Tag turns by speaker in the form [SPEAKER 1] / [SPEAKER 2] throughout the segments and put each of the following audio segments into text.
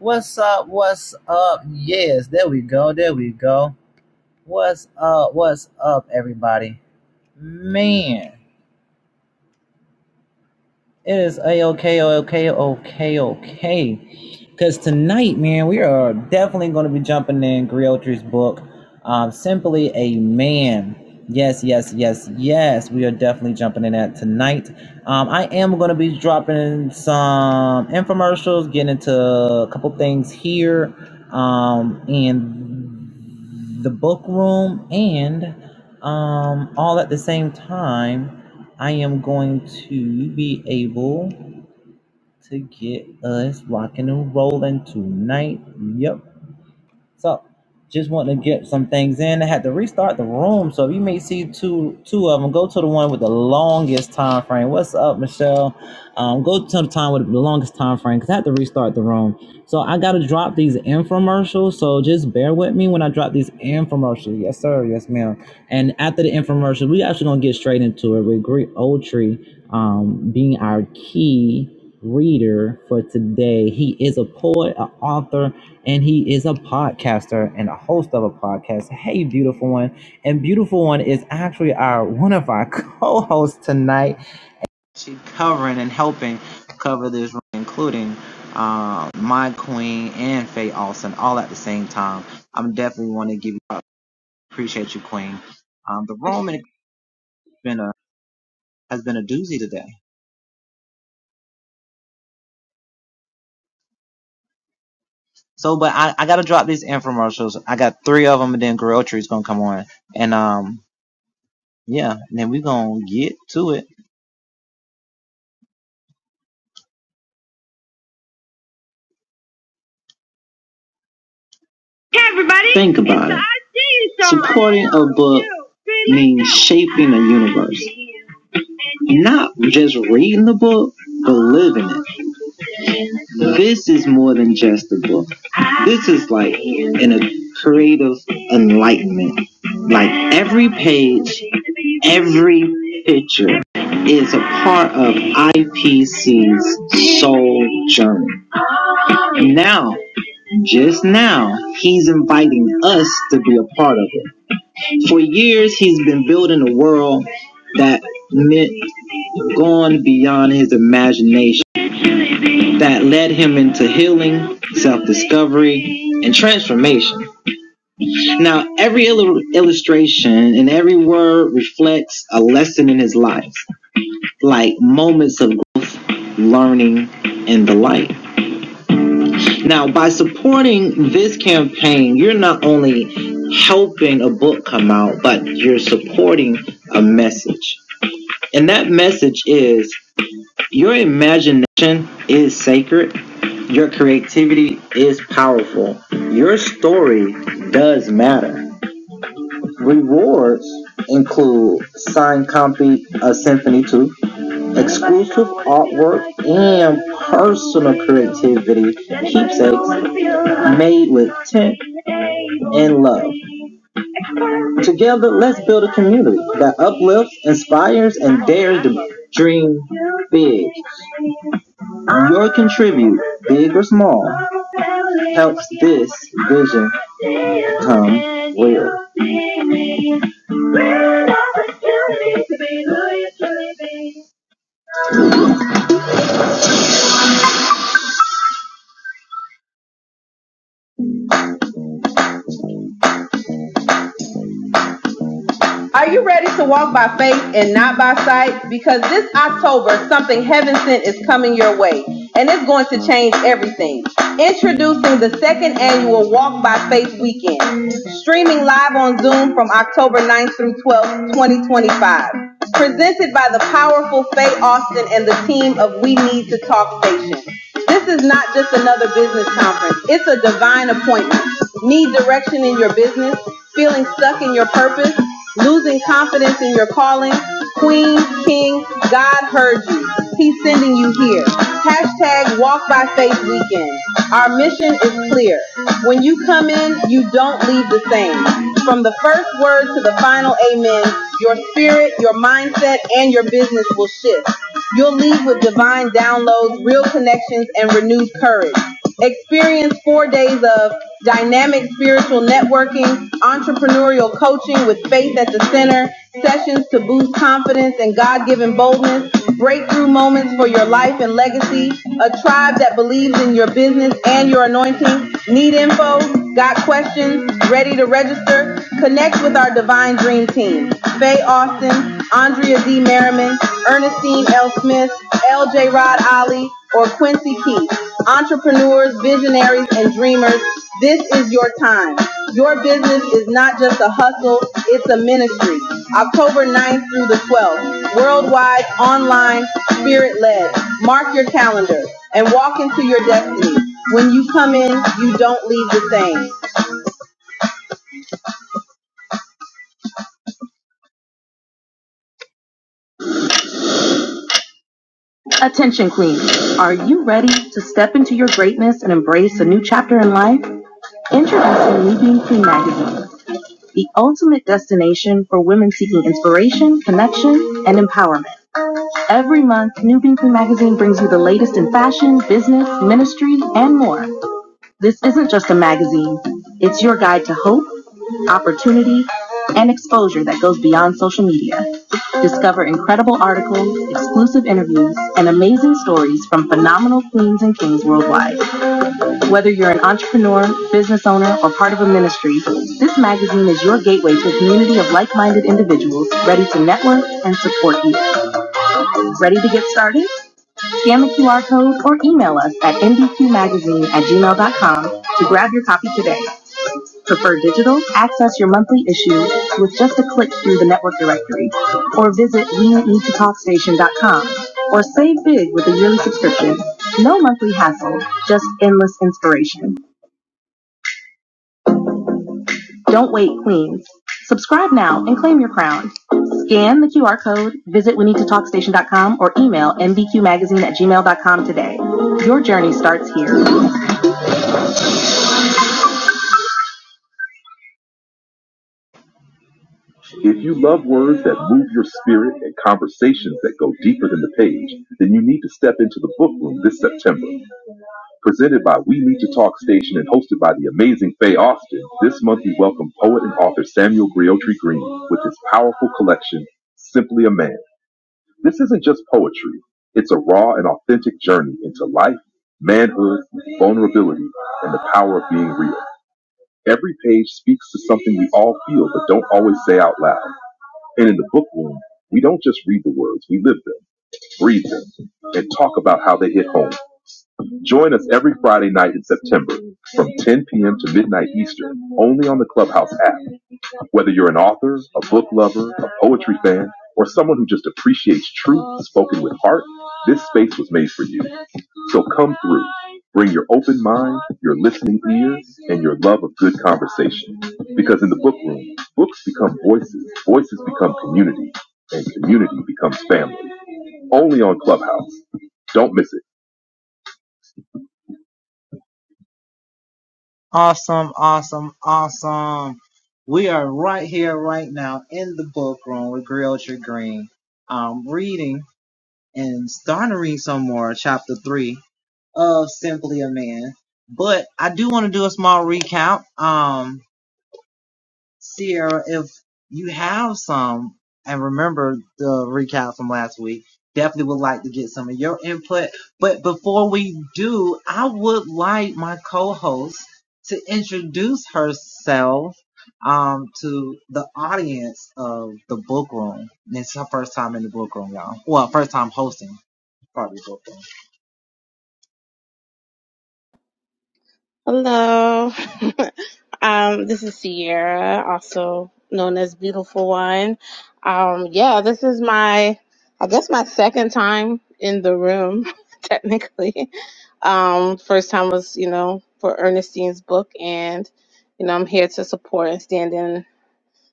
[SPEAKER 1] What's up? What's up? Yes, there we go. There we go. What's up? What's up, everybody? Man. It is a okay, okay, okay, okay. Because tonight, man, we are definitely going to be jumping in Griotri's book, um, Simply a Man. Yes, yes, yes, yes. We are definitely jumping in that tonight. Um, I am going to be dropping some infomercials, getting into a couple things here, um, and the book room, and um, all at the same time. I am going to be able to get us rocking and rolling tonight. Yep. So just want to get some things in. I had to restart the room, so if you may see two two of them. Go to the one with the longest time frame. What's up, Michelle? Um, go to the time with the longest time frame because I had to restart the room. So I gotta drop these infomercials. So just bear with me when I drop these infomercials. Yes, sir. Yes, ma'am. And after the infomercial, we actually gonna get straight into it with Greek Oldtree um, being our key reader for today. He is a poet, an author, and he is a podcaster and a host of a podcast. Hey, beautiful one, and beautiful one is actually our one of our co-hosts tonight. She's covering and helping cover this, room, including um, my queen and Faye Austin, all at the same time. I'm definitely want to give you up. appreciate you, queen. Um, the room has been a has been a doozy today. So, but I, I gotta drop these infomercials. I got three of them, and then Grilltree is gonna come on, and um, yeah, and then we are gonna get to it. Hey everybody! Think about it. Supporting a book means shaping a universe. Not just reading the book, but living it. This is more than just a book. This is like in a creative enlightenment. Like every page, every picture is a part of IPC's soul journey. Now just now, he's inviting us to be a part of it. For years, he's been building a world that meant going beyond his imagination, that led him into healing, self discovery, and transformation. Now, every illu- illustration and every word reflects a lesson in his life, like moments of learning in the light. Now, by supporting this campaign, you're not only helping a book come out, but you're supporting a message. And that message is your imagination is sacred, your creativity is powerful, your story does matter. Rewards include signed copy of Symphony 2, exclusive artwork and personal creativity keepsakes made with intent and love. Together, let's build a community that uplifts, inspires, and dares to dream big. Your contribute, big or small, helps this vision come real. We're an opportunity to be who you truly be. Are you ready to walk by faith and not by sight? Because this October, something heaven sent is coming your way, and it's going to change everything. Introducing the second annual Walk by Faith Weekend, streaming live on Zoom from October 9th through 12th, 2025. Presented by the powerful Faye Austin and the team of We Need to Talk Station. This is not just another business conference. It's a divine appointment. Need direction in your business? Feeling stuck in your purpose? Losing confidence in your calling? Queen, King, God heard you. He's sending you here. Hashtag Walk by Faith Weekend. Our mission is clear. When you come in, you don't leave the same. From the first word to the final amen, your spirit, your mindset, and your business will will shift. You'll leave with divine downloads, real connections, and renewed courage. Experience four days of dynamic spiritual networking, entrepreneurial coaching with faith at the center, sessions to boost confidence and God given boldness, breakthrough moments for your life and legacy, a tribe that believes in your business and your anointing. Need info? Got questions? Ready to register? Connect with our divine dream. Dream Team. Faye Austin, Andrea D. Merriman, Ernestine L. Smith, LJ Rod Ali, or Quincy Keith. Entrepreneurs, visionaries, and dreamers, this is your time. Your business is not just a hustle, it's a ministry. October 9th through the 12th, worldwide, online, spirit-led. Mark your calendar and walk into your destiny. When you come in, you don't leave the same. Attention, Queen. Are you ready to step into your greatness and embrace a new chapter in life? Introducing Me Being Queen magazine, the ultimate destination for women seeking inspiration, connection, and empowerment. Every month, New Being Queen magazine brings you the latest in fashion, business, ministry, and more. This isn't just a magazine, it's your guide to hope, opportunity, and exposure that goes beyond social media. Discover incredible articles, exclusive interviews, and amazing stories from phenomenal queens and kings worldwide. Whether you're an entrepreneur, business owner, or part of a ministry, this magazine is your gateway to a community of like minded individuals ready to network and support you. Ready to get started? Scan the QR code or email us at nbqmagazine at gmail dot com to grab your copy today. Prefer digital? Access your monthly issue with just a click through the network directory or visit we-need-to-talk-station.com or save big with a yearly subscription. No monthly hassle, just endless inspiration. Don't wait, queens. Subscribe now and claim your crown. Scan the QR code, visit we need to talk station.com or email nbqmagazine at gmail dot com today. Your journey starts here. If you love words that move your spirit and conversations that go deeper than the page, then you need to step into the book room this September. Presented by We Need to Talk Station and hosted by the amazing Faye Austin, this month we welcome poet and author Samuel Griotri Green with his powerful collection, Simply a Man. This isn't just poetry, it's a raw and authentic journey into life, manhood, vulnerability, and the power of being real. Every page speaks to something we all feel but don't always say out loud. And in the bookworm, we don't just read the words, we live them, breathe them, and talk about how they hit home. Join us every Friday night in September from 10 p.m. to midnight Eastern, only on the Clubhouse app. Whether you're an author, a book lover, a poetry fan, or someone who just appreciates truth spoken with heart, this space was made for you. So come through. Bring your open mind, your listening ears, and your love of good conversation. Because in the book room, books become voices, voices become community, and community becomes family. Only on Clubhouse. Don't miss it.
[SPEAKER 2] Hello. um, this is Sierra, also known as Beautiful One. Um, yeah, this is my, I guess my second time in the room, technically. Um, first time was, you know, for Ernestine's book, and you know, I'm here to support and stand in,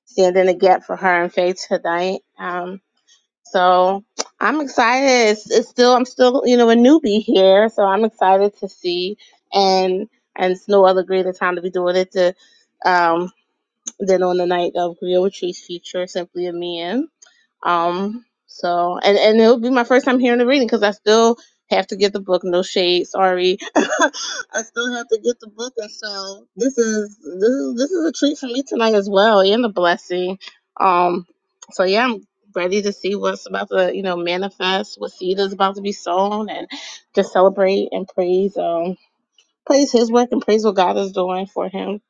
[SPEAKER 2] stand in the gap for her and Faith tonight. Um, so I'm excited. It's, it's still I'm still you know a newbie here, so I'm excited to see and and it's no other greater time to be doing it to, um, than on the night of Griot Retreats feature Simply a Man. Um, so and and it'll be my first time hearing the reading because I still have to get the book. No shade, sorry. I still have to get the book, and so this is this is this is a treat for me tonight as well, and a blessing. Um, so yeah, I'm ready to see what's about to you know manifest, what seed is about to be sown, and just celebrate and praise um praise His work and praise what God is doing for Him.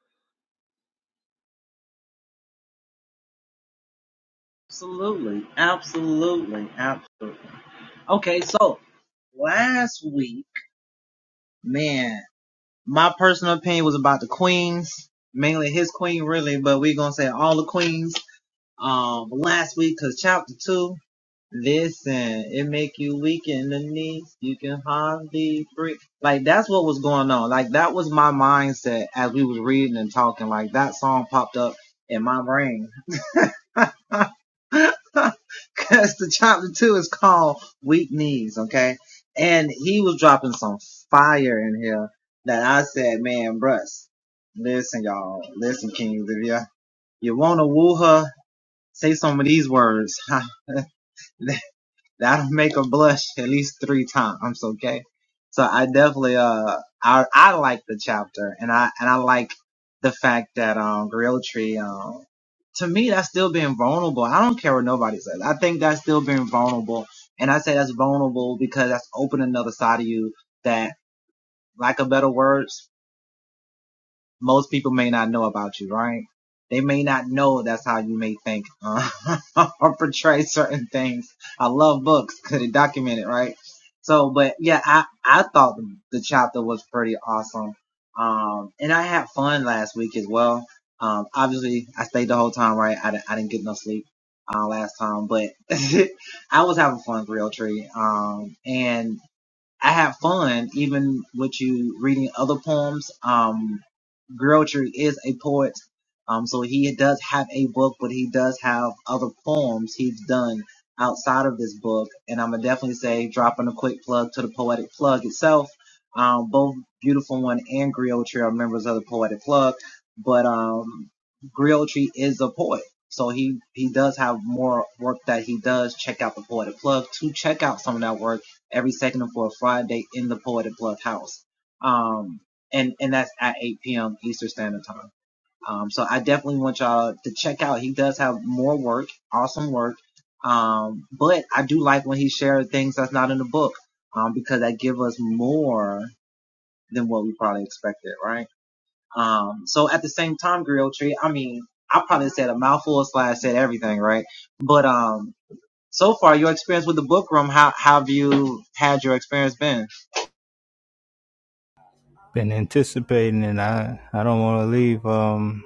[SPEAKER 3] been anticipating and I, I don't want to leave. Um,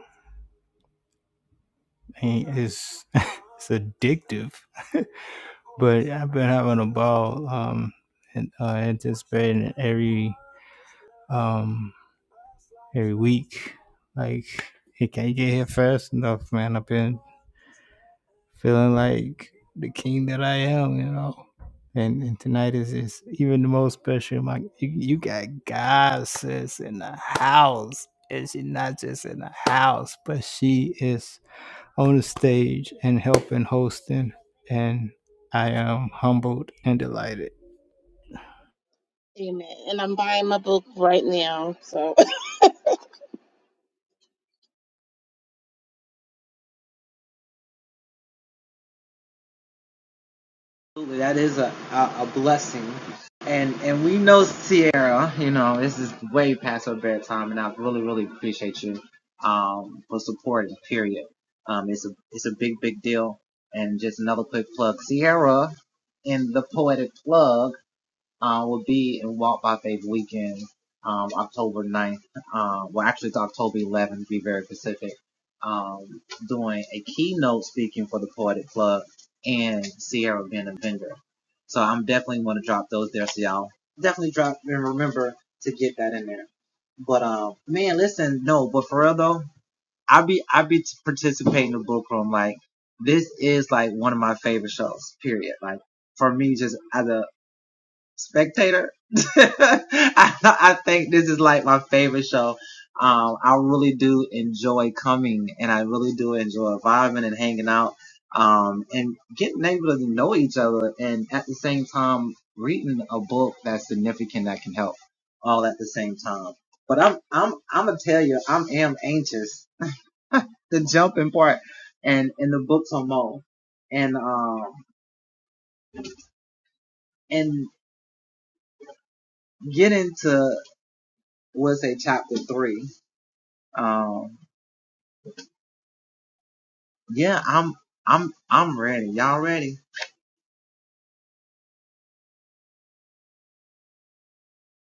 [SPEAKER 3] it's, it's addictive, but I've been having a ball, um, and, uh, anticipating every, um, every week. Like, it can't get here fast enough, man. I've been feeling like the king that I am, you know. And, and tonight is, is even the most special. My, you, you got God, sis, in the house. And she not just in the house, but she is on the stage and help in hosting, and I am humbled and delighted.
[SPEAKER 2] Amen. And I'm buying my book right now, so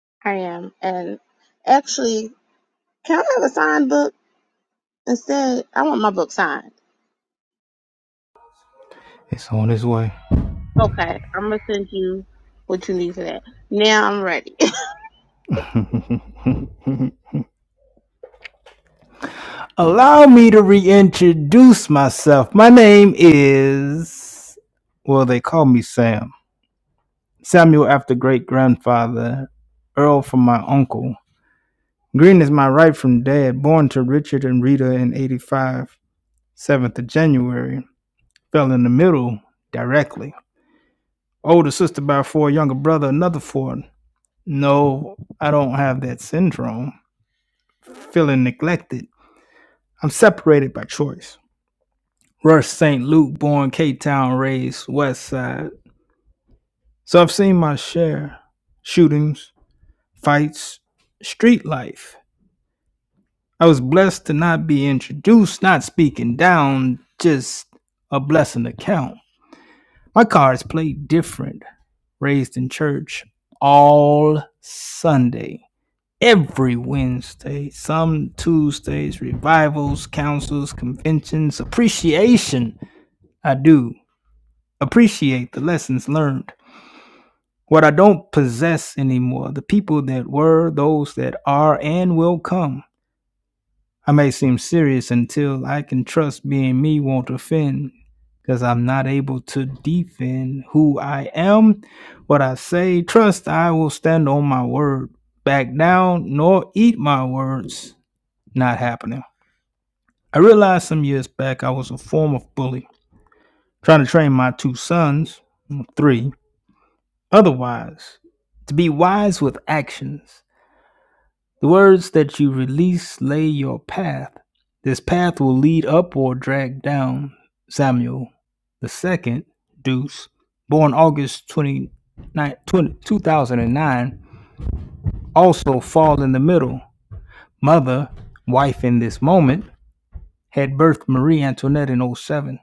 [SPEAKER 2] I am and. Actually, Can I have a signed book instead? I want my book signed.
[SPEAKER 3] It's on its way.
[SPEAKER 2] Okay, I'm gonna send you what you need for that. Now I'm ready.
[SPEAKER 3] Allow me to reintroduce myself. My name is, well, they call me Sam. Samuel after great grandfather, Earl from my uncle. Green is my right from dad, born to Richard and Rita in 85, seventh of January. Fell in the middle directly. Older sister by four, younger brother, another four. No, I don't have that syndrome. Feeling neglected. I'm separated by choice. Rush St. Luke, born Cape Town, raised West Side. So I've seen my share shootings, fights, street life. I was blessed to not be introduced, not speaking down, just a blessing account. My cards played different. Raised in church all Sunday, every Wednesday, some Tuesdays, revivals, councils, conventions, appreciation. I do appreciate the lessons learned. What I don't possess anymore, the people that were, those that are, and will come. I may seem serious until I can trust being me won't offend, because I'm not able to defend who I am, what I say. Trust I will stand on my word, back down, nor eat my words. Not happening. I realized some years back I was a form of bully, trying to train my two sons, three, otherwise, to be wise with actions The words that you release lay your path. This path will lead up or drag down. Samuel the second Deuce, born August 29, 20, 2009, also fall in the middle. Mother, wife in this moment, had birthed Marie Antoinette in oh seven.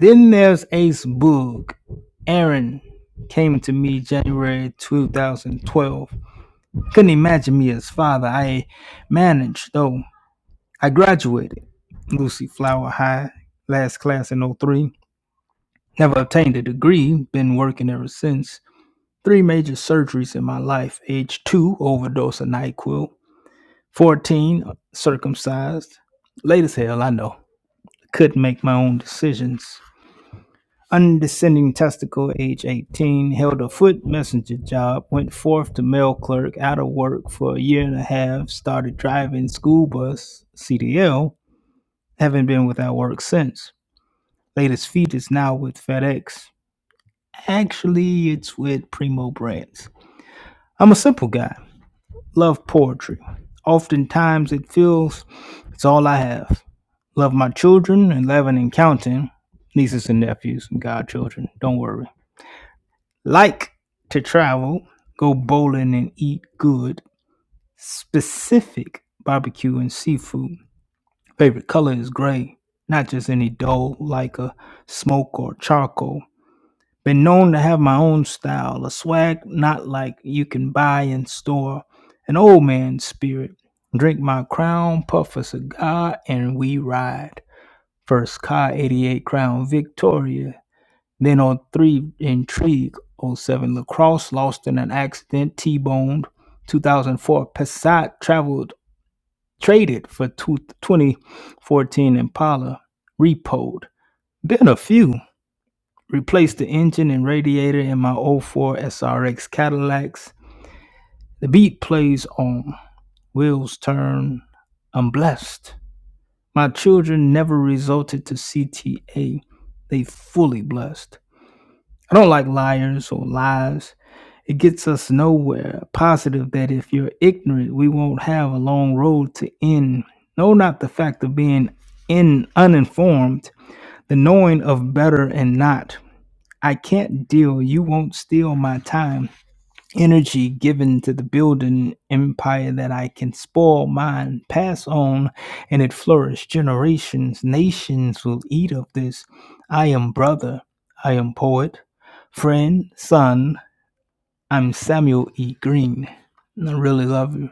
[SPEAKER 3] Then there's Ace Boog. Aaron came to me January 2012. Couldn't imagine me as father. I managed, though. I graduated Lucy Flower High, last class in '03. Never obtained a degree, been working ever since. Three major surgeries in my life age two, overdose of NyQuil, 14, circumcised. Late as hell, I know. Couldn't make my own decisions. Undescending testicle, age 18, held a foot messenger job, went forth to mail clerk, out of work for a year and a half, started driving school bus, CDL, haven't been without work since. Latest feat is now with FedEx. Actually, it's with Primo Brands. I'm a simple guy. Love poetry. Oftentimes, it feels it's all I have. Love my children, 11 and counting, nieces and nephews and godchildren. Don't worry. Like to travel, go bowling and eat good, specific barbecue and seafood. Favorite color is gray, not just any dull like a smoke or charcoal. Been known to have my own style, a swag not like you can buy in store. An old man spirit. Drink my crown, puff a cigar, and we ride. First car, 88 Crown Victoria. Then on 03 Intrigue, '07 Lacrosse, lost in an accident, T-boned. 2004 Passat traveled, traded for two- 2014 Impala, repoed. Been a few. Replaced the engine and radiator in my '04 SRX Cadillacs. The beat plays on. Wheels turn. I'm blessed. My children never resulted to CTA. They fully blessed. I don't like liars or lies. It gets us nowhere. Positive that if you're ignorant, we won't have a long road to end. No, not the fact of being in uninformed, the knowing of better and not. I can't deal. You won't steal my time, energy given to the building empire that I can spoil mine, pass on, and it flourish. Generations, nations will eat of this. I am brother. I am poet, friend, son. I'm Samuel E. Green. I really love you.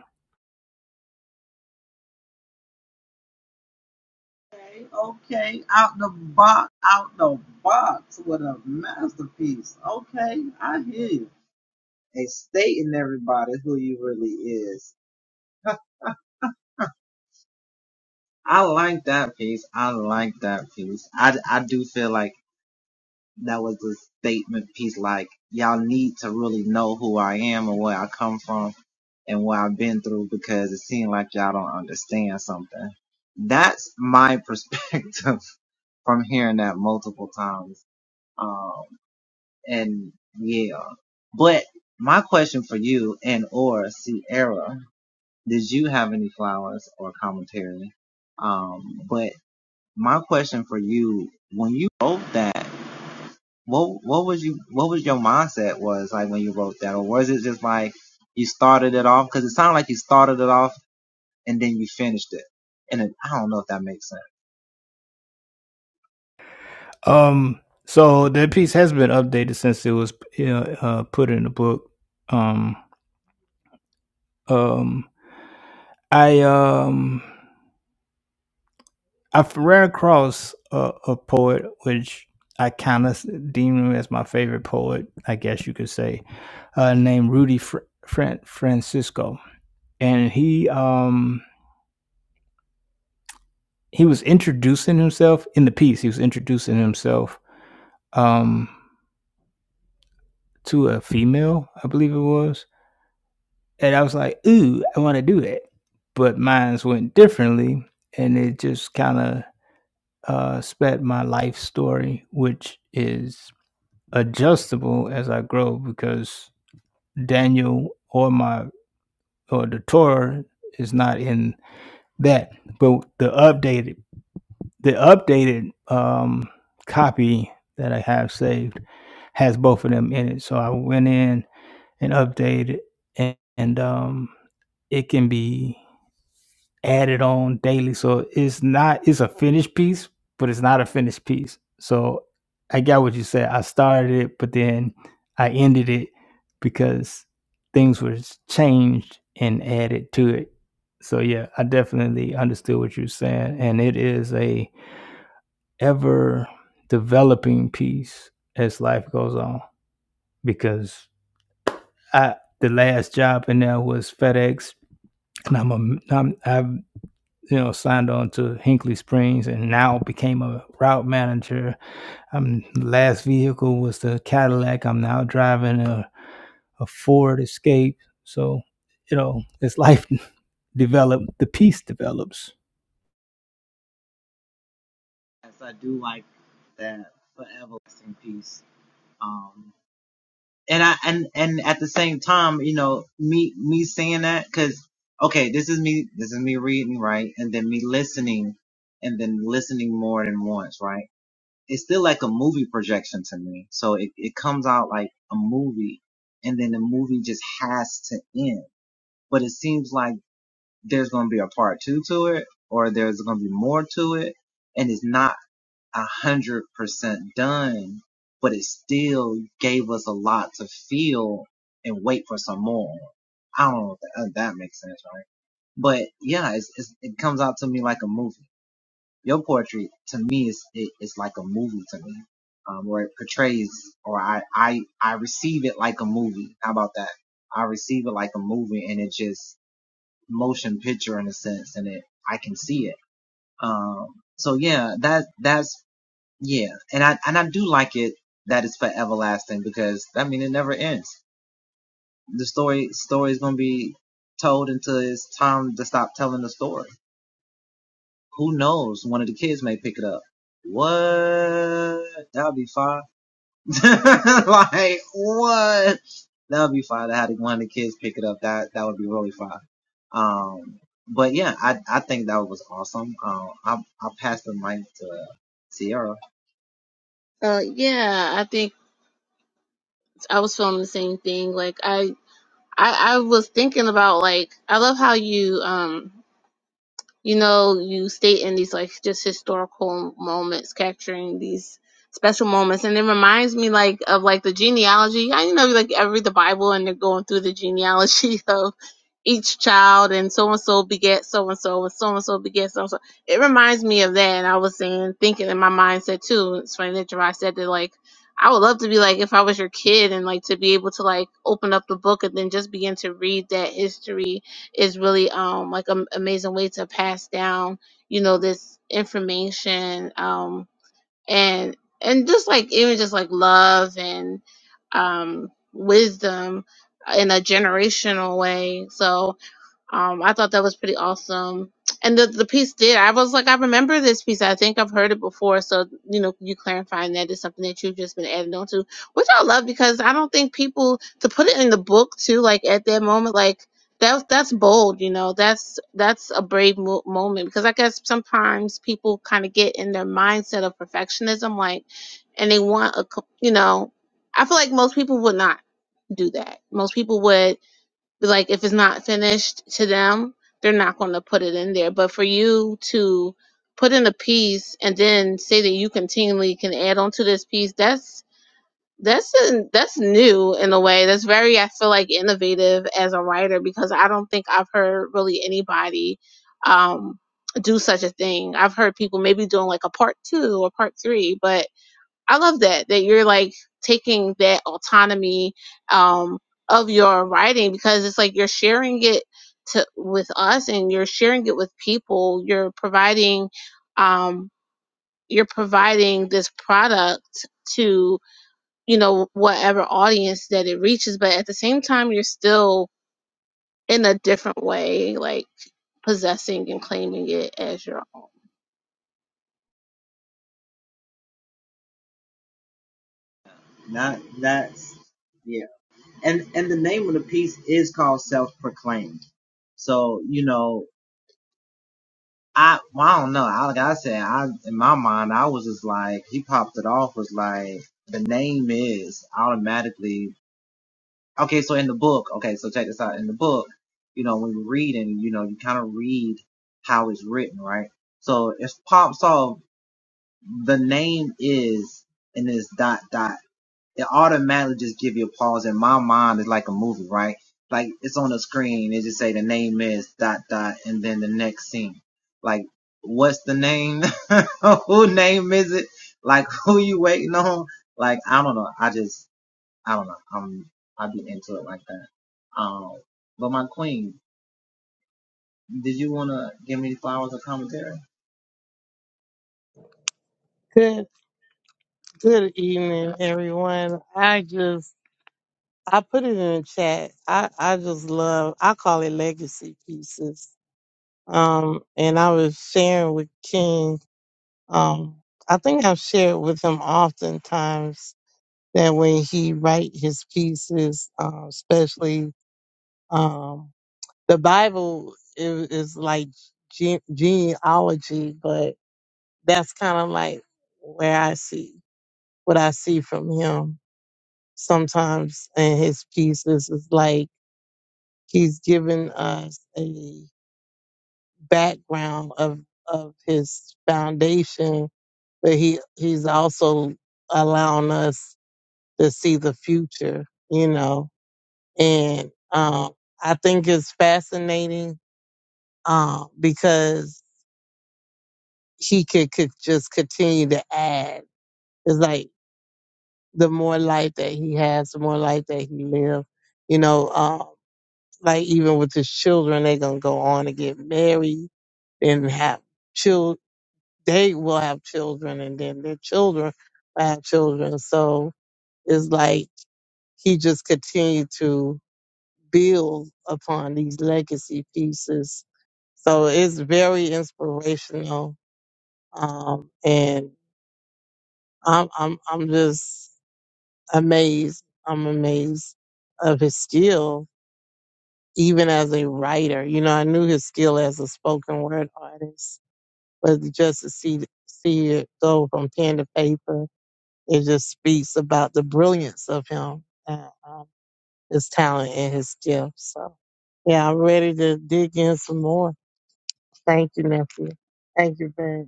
[SPEAKER 3] Um, so that piece has been updated since it was uh, uh, put in the book. Um, um, I um I've ran across a, a poet which I kind of deem him as my favorite poet, I guess you could say, uh, named Rudy Fr- Fran- Francisco, and he um he was introducing himself in the piece. He was introducing himself um to a female, I believe it was, and I was like, ooh, I want to do that, but mines went differently, and it just kind of uh, spat my life story, which is adjustable as I grow because Daniel or my or the Torah is not in that, but the updated the updated um, copy that I have saved has both of them in it. So I went in and updated, and, and um, it can be added on daily. So it's not it's a finished piece, but it's not a finished piece. So I got what you said. I started it, but then I ended it because things were changed and added to it. So yeah, I definitely understood what you're saying, and it is a ever developing piece as life goes on. Because I the last job in there was FedEx, and I'm a I'm, I've you know, signed on to Hinkley Springs and now became a route manager. I'm last vehicle was the Cadillac. I'm now driving a, a Ford Escape. So, you know, as life developed, the peace develops.
[SPEAKER 2] uh, yeah, I think I was feeling the same thing. Like I, I, I was thinking about like I love how you um you know, you stay in these like just historical moments, capturing these special moments. And it reminds me like of like the genealogy. I you know like I read the Bible and they're going through the genealogy of each child and so and so beget so and so and so and so beget so and so. It reminds me of that and I was saying thinking in my mindset too. It's funny that Jerry said that like I would love to be like if I was your kid and like to be able to like open up the book and then just begin to read that history is really um like an amazing way to pass down you know this information um and and just like even just like love and um wisdom in a generational way so um, I thought that was pretty awesome. And the the piece did. I was like, I remember this piece. I think I've heard it before. So you know, you clarifying that is something that you've just been adding on to, which I love because I don't think people to put it in the book too. Like at that moment, like that's that's bold. You know, that's that's a brave mo- moment because I guess sometimes people kind of get in their mindset of perfectionism, like, and they want a co- you know, I feel like most people would not do that. Most people would like if it's not finished to them, they're not going to put it in there. But for you to put in a piece and then say that you continually can add on to this piece, that's that's in, that's new in a way. That's very I feel like innovative as a writer because I don't think I've heard really anybody um do such a thing. I've heard people maybe doing like a part 2 or part 3, but I love that that you're like taking that autonomy um, of your writing because it's like you're sharing it to with us and you're sharing it with people. You're providing um, you're providing this product to you know whatever audience that it reaches, but at the same time, you're still in a different way like possessing and claiming it as your own.
[SPEAKER 4] Good good evening, everyone. I just I put it in the chat. I I just love I call it legacy pieces. Um, and I was sharing with King. Um, I think I've shared with him oftentimes that when he write his pieces, um, especially um, the Bible is, is like ge- genealogy, but that's kind of like where I see what I see from him sometimes in his pieces is like he's given us a background of of his foundation, but he he's also allowing us to see the future, you know. And um, I think it's fascinating um, because he could, could just continue to add. It's like the more life that he has, the more life that he lives. You know, um, Like even with his children, they gonna go on and get married and have children. They will have children, and then their children will have children. So it's like he just continued to build upon these legacy pieces. So it's very inspirational, um, and I'm I'm I'm just amazed. I'm amazed of his skill even as a writer. You know, I knew his skill as a spoken word artist, but just to see see it go from pen to paper, it just speaks about the brilliance of him, and, um, his talent and his skill. So, yeah, I'm ready to dig in some more. Thank you, nephew. Thank you very much.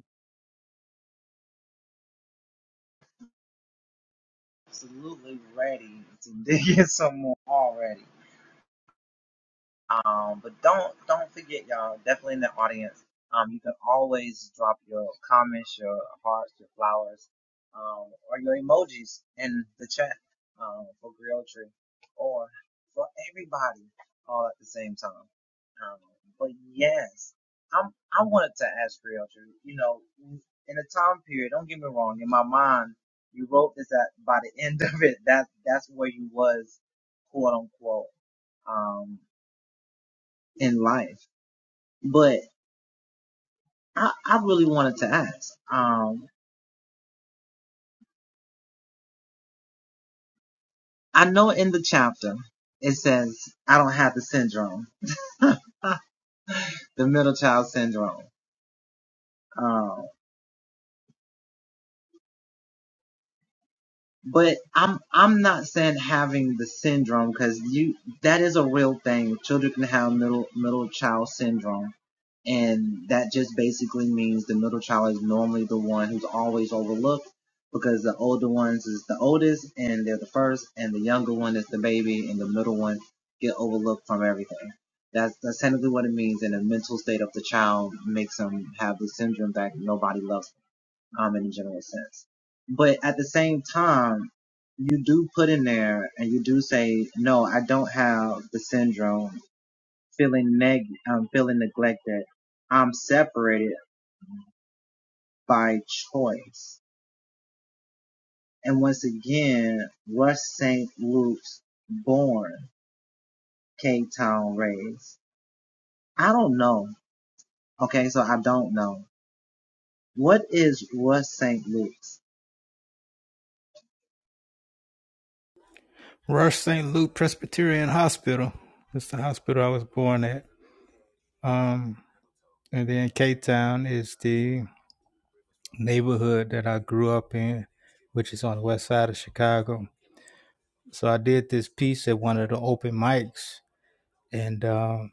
[SPEAKER 3] Rush St. Luke Presbyterian Hospital. That's the hospital I was born at. Um, and then Cape Town is the neighborhood that I grew up in, which is on the west side of Chicago. So I did this piece at one of the open mics And um,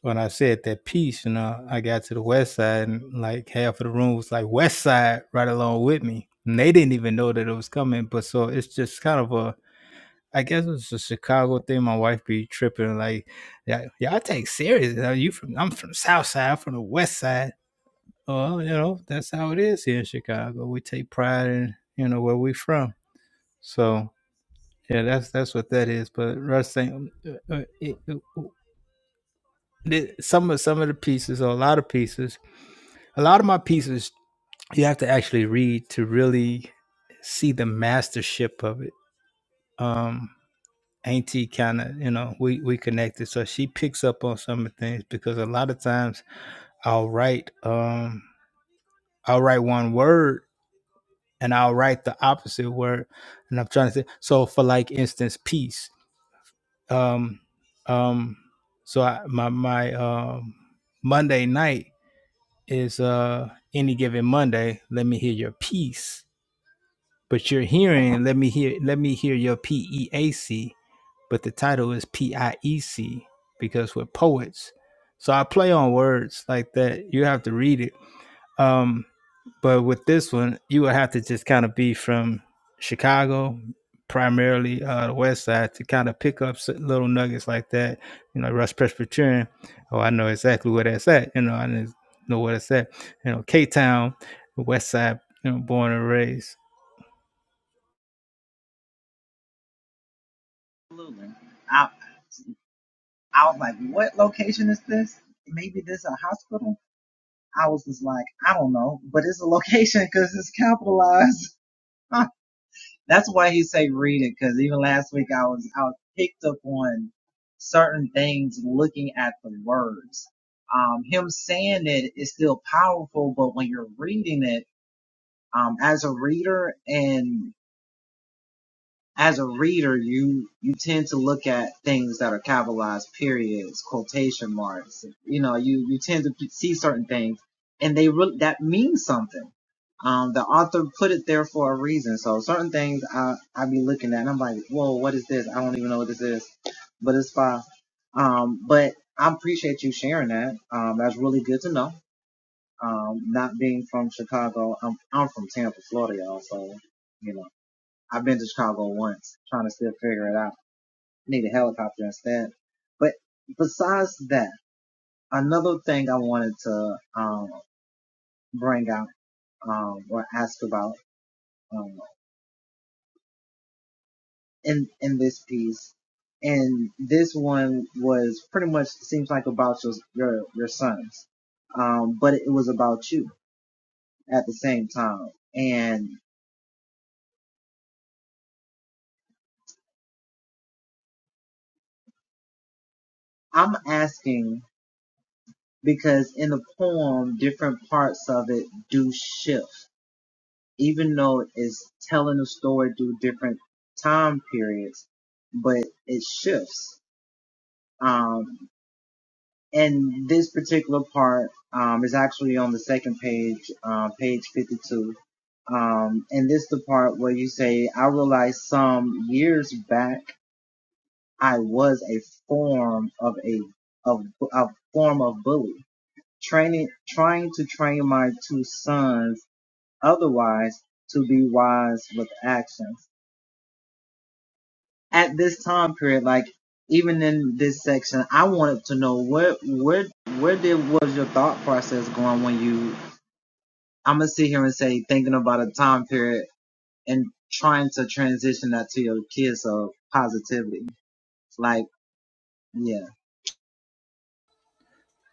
[SPEAKER 3] when I said that piece, you know, I got to the west side and like half of the room was like west side right along with me. And they didn't even know that it was coming. But so it's just kind of a, I guess it's a Chicago thing. My wife be tripping like, yeah, yeah, I take serious. Now you from, I'm from south side, I'm from the west side. Well, you know, that's how it is here in Chicago. We take pride in, you know, where we from. So yeah, that's, that's what that is. But Russ saying, uh, uh, it, uh, the- some of some of the pieces or a lot of pieces a lot of my pieces you have to actually read to really see the mastership of it um auntie kind of you know we we connected so she picks up on some of the things because a lot of times i'll write um i'll write one word and i'll write the opposite word and i'm trying to say so for like instance peace um um so I, my my um monday night is uh any given Monday. Let me hear your peace, But you're hearing let me hear let me hear your P E A C, but the title is P I E C because we're poets. So I play on words like that. You have to read it. Um but with this one, you would have to just kind of be from Chicago, primarily uh, the West Side, to kind of pick up little nuggets like that. You know, Rush Presbyterian. Oh, I know exactly where that's at. You know, I just know where that's at. You know, K Town, West Side. You know, born and raised.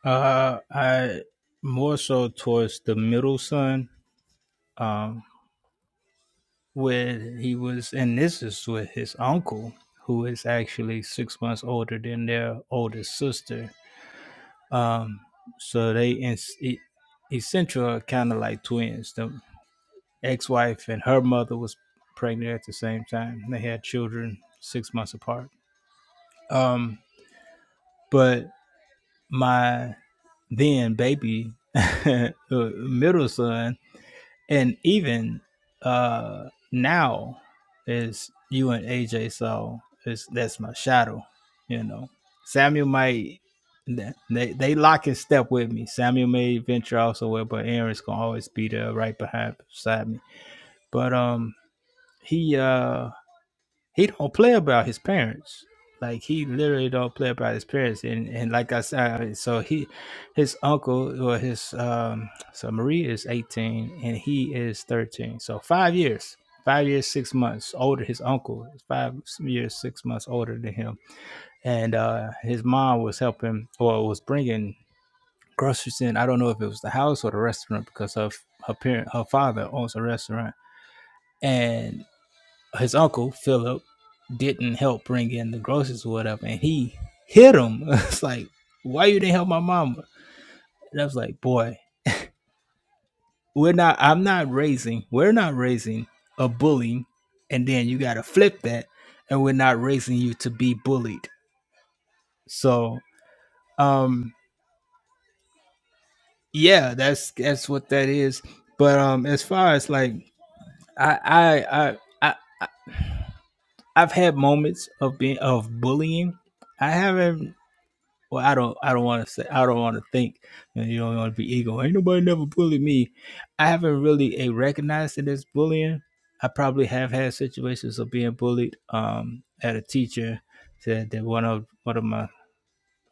[SPEAKER 3] Uh, I more so towards the middle son. Um, with he was and this is with his uncle who is actually six months older than their oldest sister um so they in, e- essential are kind of like twins the ex-wife and her mother was pregnant at the same time they had children six months apart um but my then baby middle son and even uh now is you and AJ so it's that's my shadow, you know. Samuel might they they lock in step with me. Samuel may venture out somewhere, but Aaron's gonna always be there right behind beside me. But um he uh he don't play about his parents. Like he literally don't play about his parents, and and like I said, so he, his uncle or his um, so Marie is eighteen and he is thirteen, so five years, five years six months older. His uncle is five years six months older than him, and uh, his mom was helping or was bringing groceries in. I don't know if it was the house or the restaurant because of her parent, her father owns a restaurant, and his uncle Philip didn't help bring in the groceries or whatever, and he hit him. It's like, why you didn't help my mama? And I was like, boy, we're not. I'm not raising. We're not raising a bully, and then you got to flip that, and we're not raising you to be bullied. So, um, yeah, that's that's what that is. But um, as far as like, I I I I I- I've had moments of being of bullying. I haven't Well, I don't. I don't want to say. I don't want to think. And you don't want to be ego. Ain't nobody never bullied me. I haven't really eh, recognized it as bullying. I probably have had situations of being bullied. Um, at a teacher said that one of one of my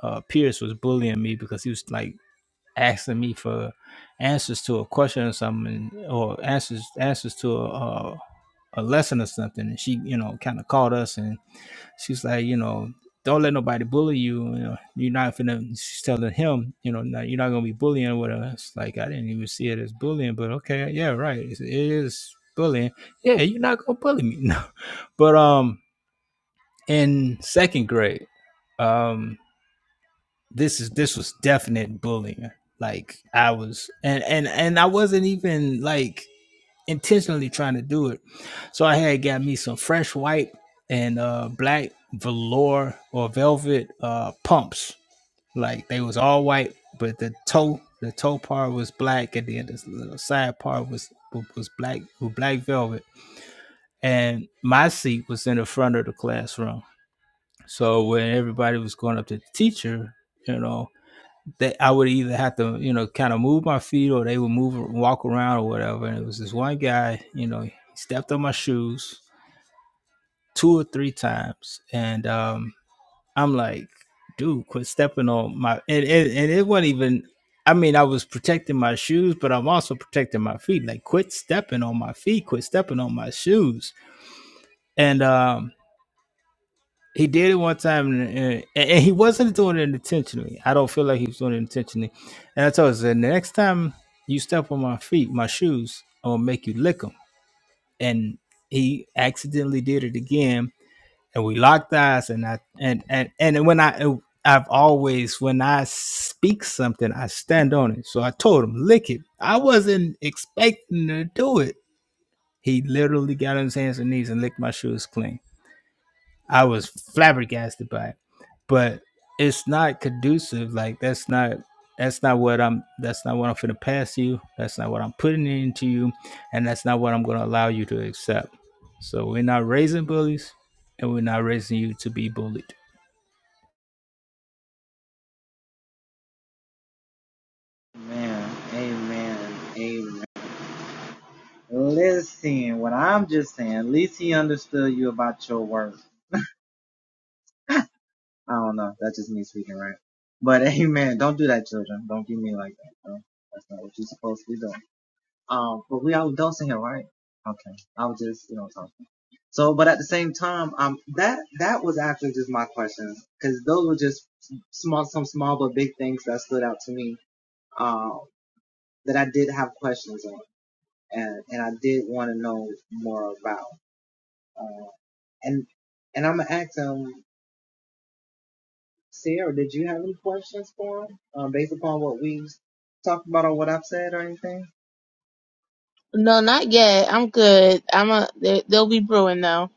[SPEAKER 3] uh, peers was bullying me because he was like asking me for answers to a question or something, or answers answers to a, a, a lesson or something. And she, you know, kind of called us and she's like, you know, don't let nobody bully you. You know, you're not finna. She's telling him, you know, "No, you're not gonna be bullying with us. Like I didn't even see it as bullying, but okay, yeah, right, it's, it is bullying. Yeah, you're not gonna bully me. No, but um, in second grade, um, this is this was definite bullying. Like I was, and and and I wasn't even like intentionally trying to do it. So I had got me some fresh white and uh black velour or velvet uh pumps. Like they was all white, but the toe the toe part was black and then this little side part was was black with black velvet. And my seat was in the front of the classroom. So when everybody was going up to the teacher, you know, that I would either have to, you know, kind of move my feet or they would move and walk around or whatever. And it was this one guy, you know, he stepped on my shoes two or three times. And um I'm like, dude, quit stepping on my and, and, and it wasn't even I mean, I was protecting my shoes, but I'm also protecting my feet. Like, quit stepping on my feet, quit stepping on my shoes. And um He did it one time, and, and, and he wasn't doing it intentionally. I don't feel like he was doing it intentionally. And I told him, I said, the next time you step on my feet, my shoes, I'm gonna make you lick them. And he accidentally did it again, and we locked eyes. And I and and and when I I've always when I speak something, I stand on it. So I told him, lick it. I wasn't expecting to do it. He literally got on his hands and knees and licked my shoes clean. I was flabbergasted by it. But it's not conducive. Like that's not that's not what I'm that's not what I'm finna pass you. That's not what I'm putting into you. And that's not what I'm gonna allow you to accept. So we're not raising bullies and we're not raising you to be bullied.
[SPEAKER 2] No, not yet. I'm good. I'm a. They, they'll be brewing though.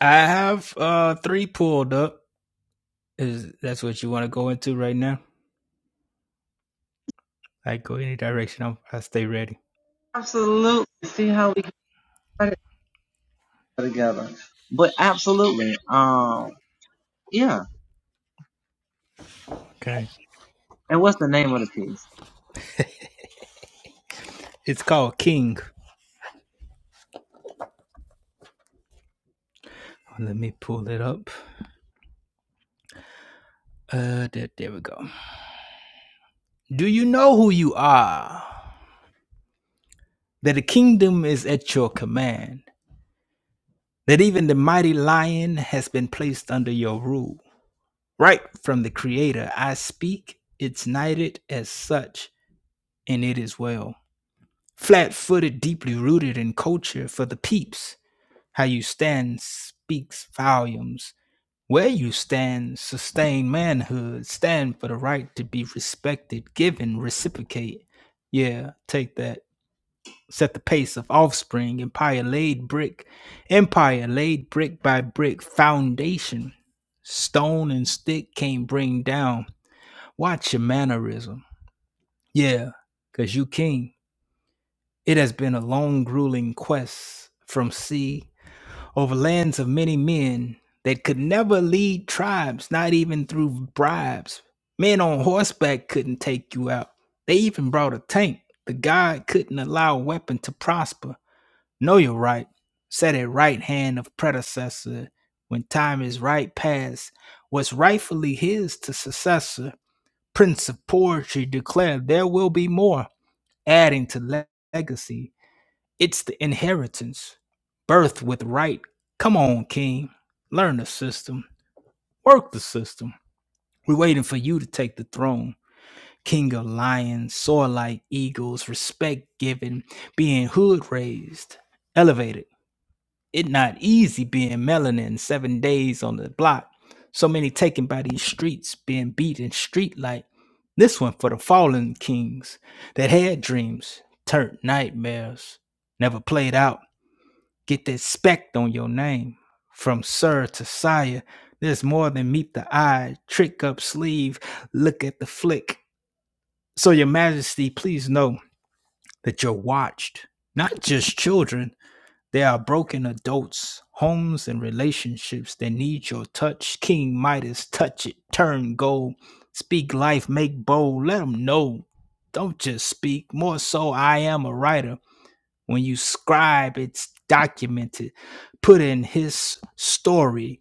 [SPEAKER 3] I have uh three pulled up. Is that's what you wanna go into right now? I go any direction, I'm, I stay ready. Okay. It's called King. Let me pull it up. Uh there, there we go. Do you know who you are? That the kingdom is at your command, that even the mighty lion has been placed under your rule. Right from the Creator, I speak, it's knighted as such, and it is well. Flat footed, deeply rooted in culture for the peeps. How you stand speaks volumes. Where you stand, sustain manhood, stand for the right to be respected, given, reciprocate. Yeah, take that. set the pace of offspring, empire laid brick, empire laid brick by brick, foundation. Stone and stick can't bring down. Watch your mannerism. Yeah, cause you king. It has been a long grueling quest from sea over lands of many men that could never lead tribes, not even through bribes. Men on horseback couldn't take you out. They even brought a tank. The god couldn't allow a weapon to prosper. Know your right. Set a right hand of predecessor. When time is right past, what's rightfully his to successor. Prince of poetry declared there will be more, adding to legacy. It's the inheritance. Birth with right. Come on, king. Learn the system. Work the system. We're waiting for you to take the throne. King of lions, soar like eagles, respect given, being hood raised, elevated It not easy being melanin seven days on the block. So many taken by these streets, being beat in street light. This one for the fallen kings that had dreams, turned nightmares, never played out. Get that spec on your name. From sir to sire, there's more than meet the eye. Trick up sleeve, look at the flick. So your majesty, please know that you're watched. Not just children, there are broken adults, homes, and relationships that need your touch. King Midas, touch it, turn gold. Speak life, make bold, let 'em know. Don't just speak, more so, I am a writer. When you scribe, it's documented. Put in his story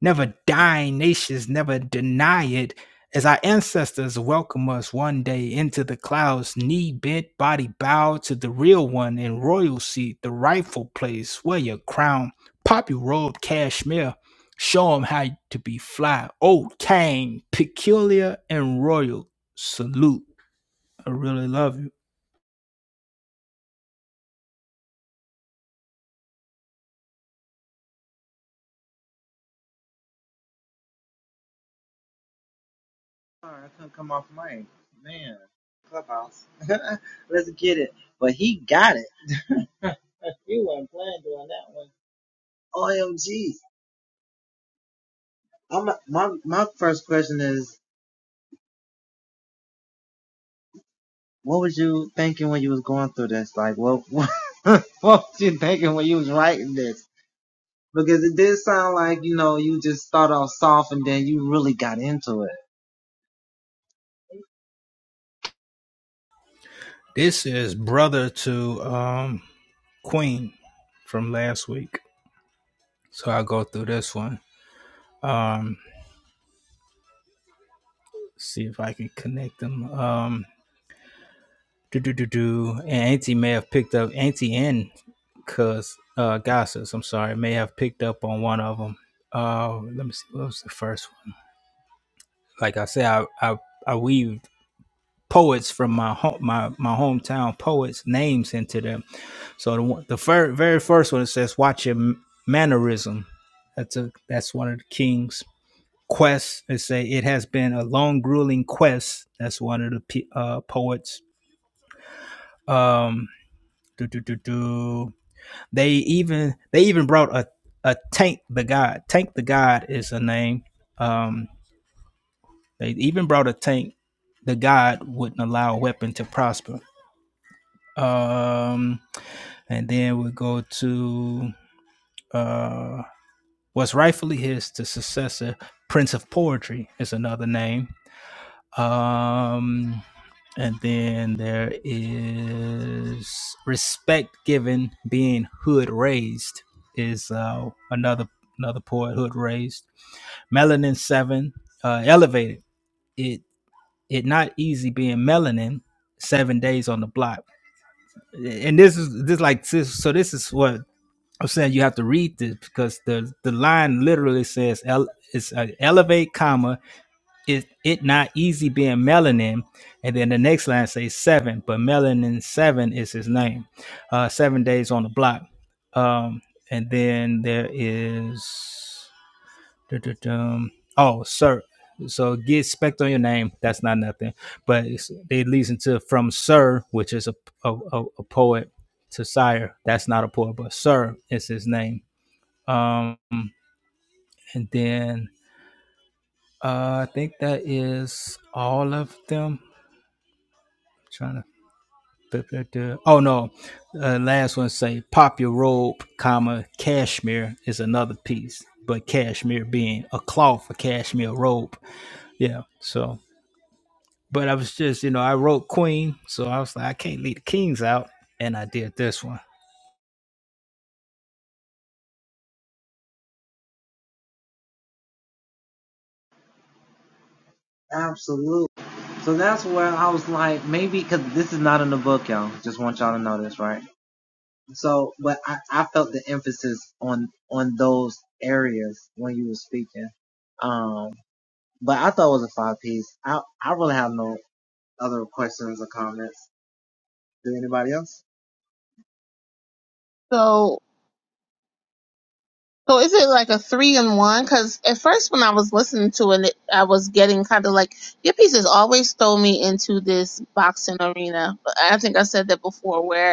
[SPEAKER 3] Never dying nations never deny it. As our ancestors welcome us one day into the clouds, knee bent, body bowed to the real one in royal seat, the rightful place, wear your crown, pop your robe, cashmere, show 'em how to be fly. Old king, peculiar and royal, salute. I really love you. This is brother to um Queen from last week. So I'll go through this one. Um, see if I can connect them. Um, do do do do. And Auntie may have picked up Auntie and Cuz uh, Gossip. I'm sorry, may have picked up on one of them. Uh, let me see. What was the first one? Like I said, I I, I weaved poets from my home my my hometown poets names into them. So the one, the fir- very first one it says, "Watch your m- mannerism." That's a that's one of the king's quests. They say it has been a long, grueling quest. That's one of the pe- uh, poets Um, do, do, do, do. They even they even brought a a tank the god. Tank the god is a name. Um, they even brought a tank. The god wouldn't allow a weapon to prosper. Um, and then we go to uh, what's rightfully his the successor, Prince of Poetry is another name. Um, And then there is respect given being hood raised is uh, another another poet hood raised. Melanin seven uh, elevated it it not easy being melanin seven days on the block. And this is this like this, so this is what I'm saying. You have to read this because the the line literally says el, it's uh elevate comma is it not easy being melanin? And then the next line says seven, but melanin seven is his name. Uh, seven days on the block. Um, and then theres oh, sir. So get spect on your name. That's not nothing, but it's, it leads into from sir, which is a a, a, a poet, to sire. That's not a poet, but sir is his name. Um, and then uh, I think that is all of them. Trying to. but- but, uh, Oh no, uh, last one say pop your robe, comma cashmere is another piece, but cashmere being a cloth, a cashmere robe. Yeah. So, but I was just you know I wrote queen, so I was like I can't leave the kings out, and I did this one.
[SPEAKER 2] So So is it like a three in one? Because at first when I was listening to it, I was getting kind of like your pieces always throw me into this boxing arena. But I think I said that before, Where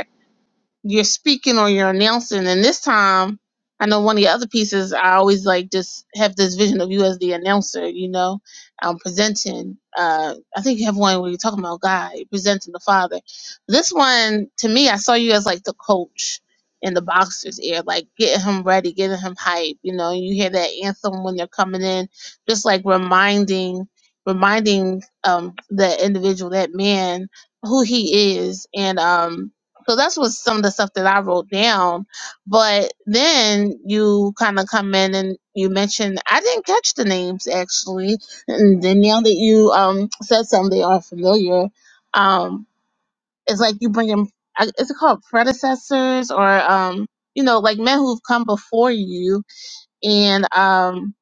[SPEAKER 2] you're speaking or you're announcing. And this time, I know one of the other pieces, I always like just have this vision of you as the announcer, you know, um, presenting. Uh, I think you have one where you're talking about God, you're presenting the Father. This one, to me, I saw you as like the coach in the boxer's ear, like getting him ready, getting him hype. You know, you hear that anthem when they're coming in, just like reminding. Reminding um, that individual, that man, who he is, and um, so that's what some of the stuff that I wrote down. But then you kind of come in and you mentioned I didn't catch the names actually, and then now that you um said some, they are familiar. Um, it's like you bring in. I- Is it called predecessors or um you know like men who've come before you and um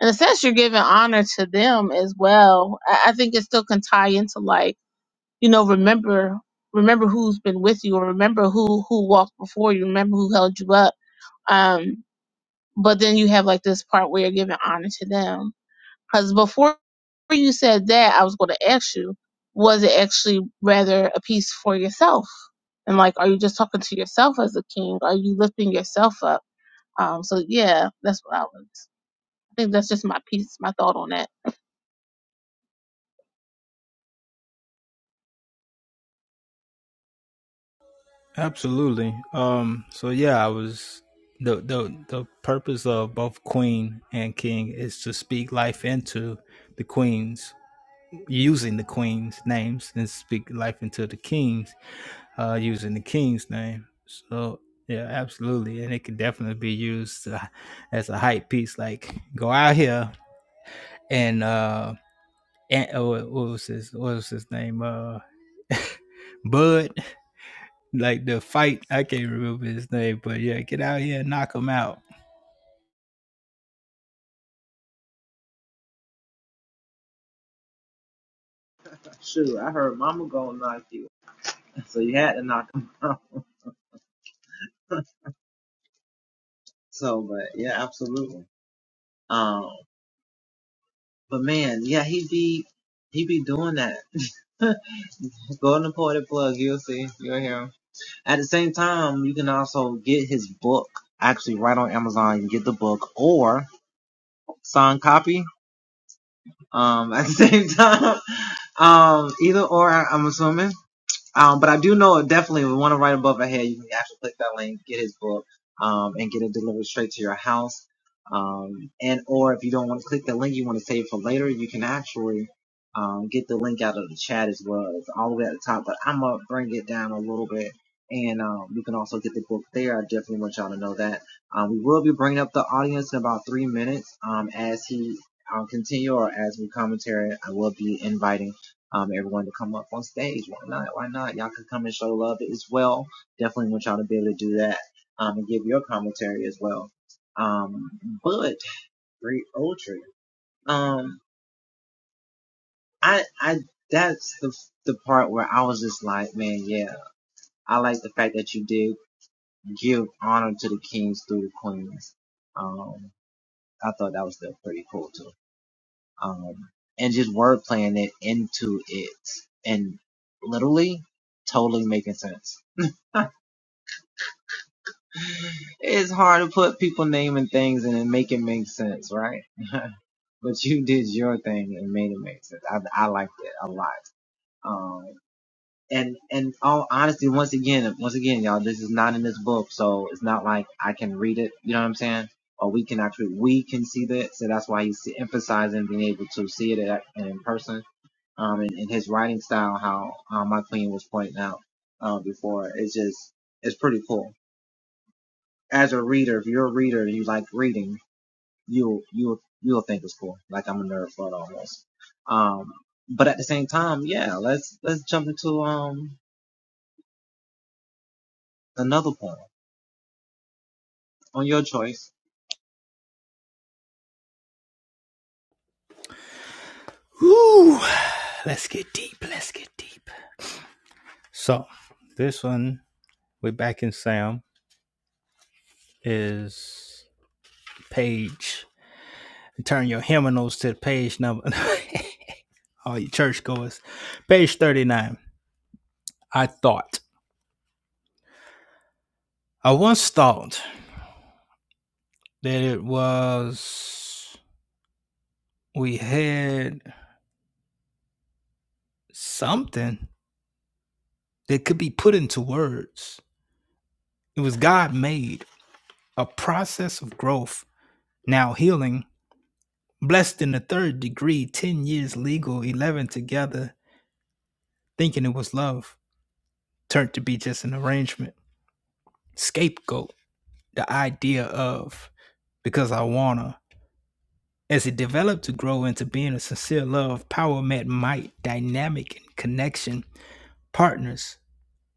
[SPEAKER 2] in a sense you're giving honor to them as well. I, I think it still can tie into like you know remember remember who's been with you or remember who who walked before you remember who held you up um but then you have like this part where you're giving honor to them because before you said that i was going to ask you was it actually rather a piece for yourself and like are you just talking to yourself as a king are you lifting yourself up um so yeah that's what i was i think that's just my piece my thought on that
[SPEAKER 3] Absolutely. Um. So yeah, I was the the the purpose of both queen and king is to speak life into the queens using the queen's names and speak life into the kings uh using the king's name so yeah absolutely and it could definitely be used uh, as a hype piece like go out here and uh and oh, what was his what was his name uh bud like the fight i can't remember his name but yeah get out here and knock him out Woo! let's get deep let's get deep so this one we're back in sam is page turn your hymnals to page number all you churchgoers page 39 i thought i once thought that it was we had something that could be put into words it was god made a process of growth now healing blessed in the third degree 10 years legal 11 together thinking it was love turned to be just an arrangement scapegoat the idea of because I wanna. As it developed to grow into being a sincere love, power met might, dynamic and connection, partners,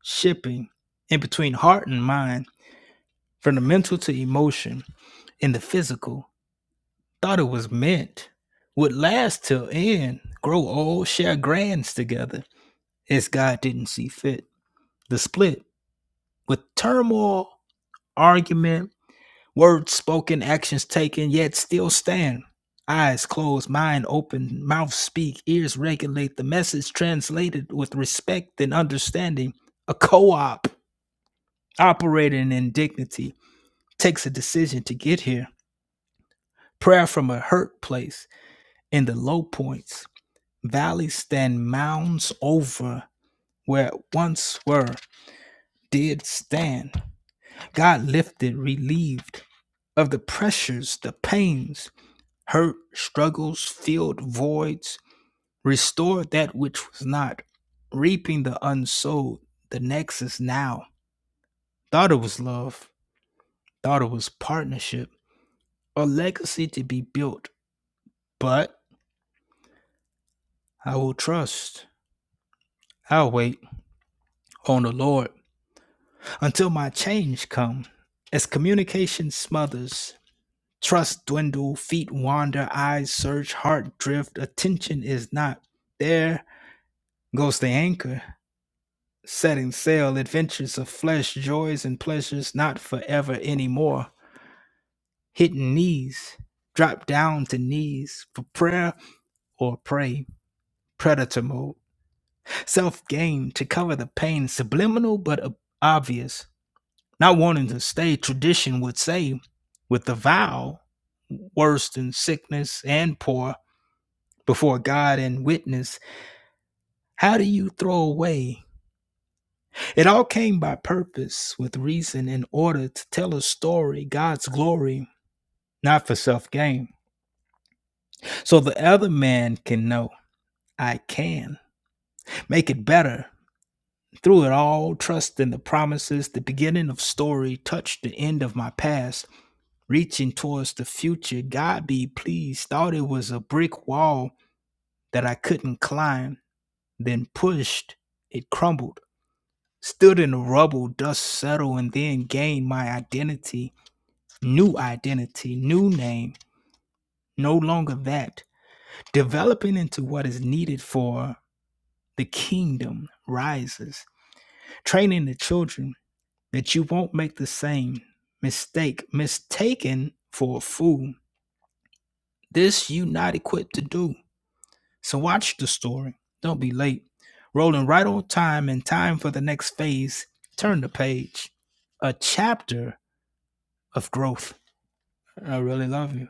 [SPEAKER 3] shipping, in between heart and mind, from the mental to emotion, and the physical, thought it was meant, would last till end, grow old, share grands together, as God didn't see fit. The split with turmoil, argument, Words spoken, actions taken, yet still stand. Eyes closed, mind open, mouth speak, ears regulate. The message translated with respect and understanding. A co op operating in dignity takes a decision to get here. Prayer from a hurt place in the low points. Valleys stand mounds over where once were, did stand. God lifted, relieved of the pressures, the pains, hurt, struggles, filled voids, restored that which was not, reaping the unsold, the nexus now. Thought it was love, thought it was partnership, a legacy to be built, but I will trust. I'll wait on the Lord until my change come. As communication smothers, trust dwindle, feet wander, eyes search, heart drift, attention is not there goes the anchor. setting sail, adventures of flesh, joys and pleasures not forever anymore. Hidden knees, drop down to knees for prayer or pray. Predator mode, self gain to cover the pain, subliminal but ob- obvious. Not wanting to stay, tradition would say, with the vow, worse than sickness and poor, before God and witness. How do you throw away? It all came by purpose, with reason, in order to tell a story, God's glory, not for self gain. So the other man can know I can make it better. Through it all, trust in the promises, the beginning of story touched the end of my past, reaching towards the future. God be pleased, thought it was a brick wall that I couldn't climb, then pushed, it crumbled. Stood in the rubble, dust settled, and then gained my identity new identity, new name, no longer that, developing into what is needed for the kingdom rises, training the children that you won't make the same mistake, mistaken for a fool. This you not equipped to do. So watch the story. Don't be late. Rolling right on time and time for the next phase. Turn the page. A chapter of growth. I really love you.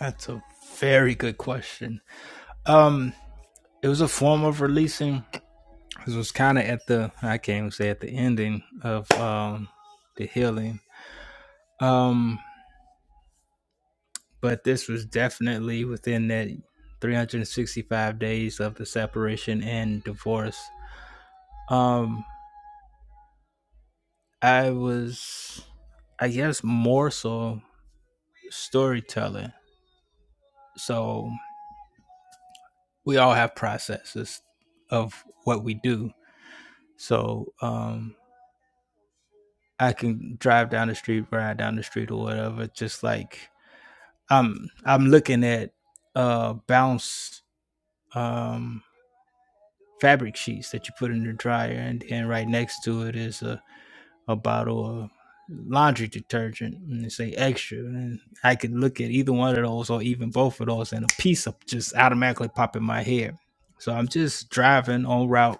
[SPEAKER 3] That's a very good question. Um, it was a form of releasing. This was kind of at the I can't even say at the ending of um the healing. Um, but this was definitely within that 365 days of the separation and divorce. Um, I was, I guess, more so storytelling. So we all have processes of what we do. So um, I can drive down the street, ride down the street, or whatever, just like I'm I'm looking at uh bounce um fabric sheets that you put in the dryer and then right next to it is a, a bottle of laundry detergent and they say extra and I could look at either one of those or even both of those and a piece of just automatically pop in my head. So I'm just driving on route.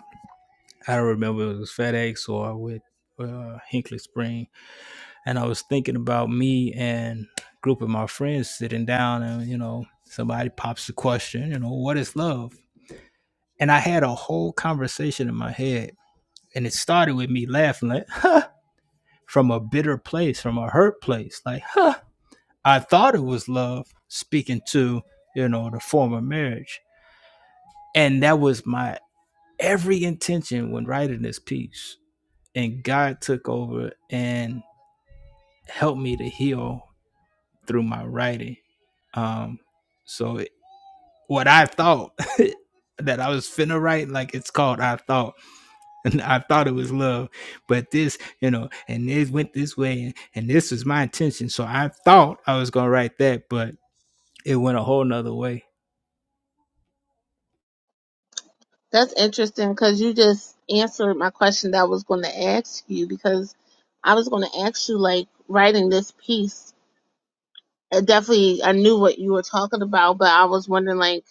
[SPEAKER 3] I don't remember if it was FedEx or with uh, Hinkley Spring and I was thinking about me and a group of my friends sitting down, and you know, somebody pops the question, you know, what is love? And I had a whole conversation in my head, and it started with me laughing, like, huh, from a bitter place, from a hurt place, like, huh, I thought it was love, speaking to, you know, the former marriage. And that was my every intention when writing this piece. And God took over and helped me to heal through my writing. Um, so it, what I thought that I was finna write, like it's called I thought, and I thought it was love, but this, you know, and this went this way, and, and this was my intention. So I thought I was gonna write that, but it went a whole nother way.
[SPEAKER 2] That's interesting because you just answered my question that I was going to ask you because I was going to ask you, like, writing this piece. It definitely, I knew what you were talking about, but I was wondering, like,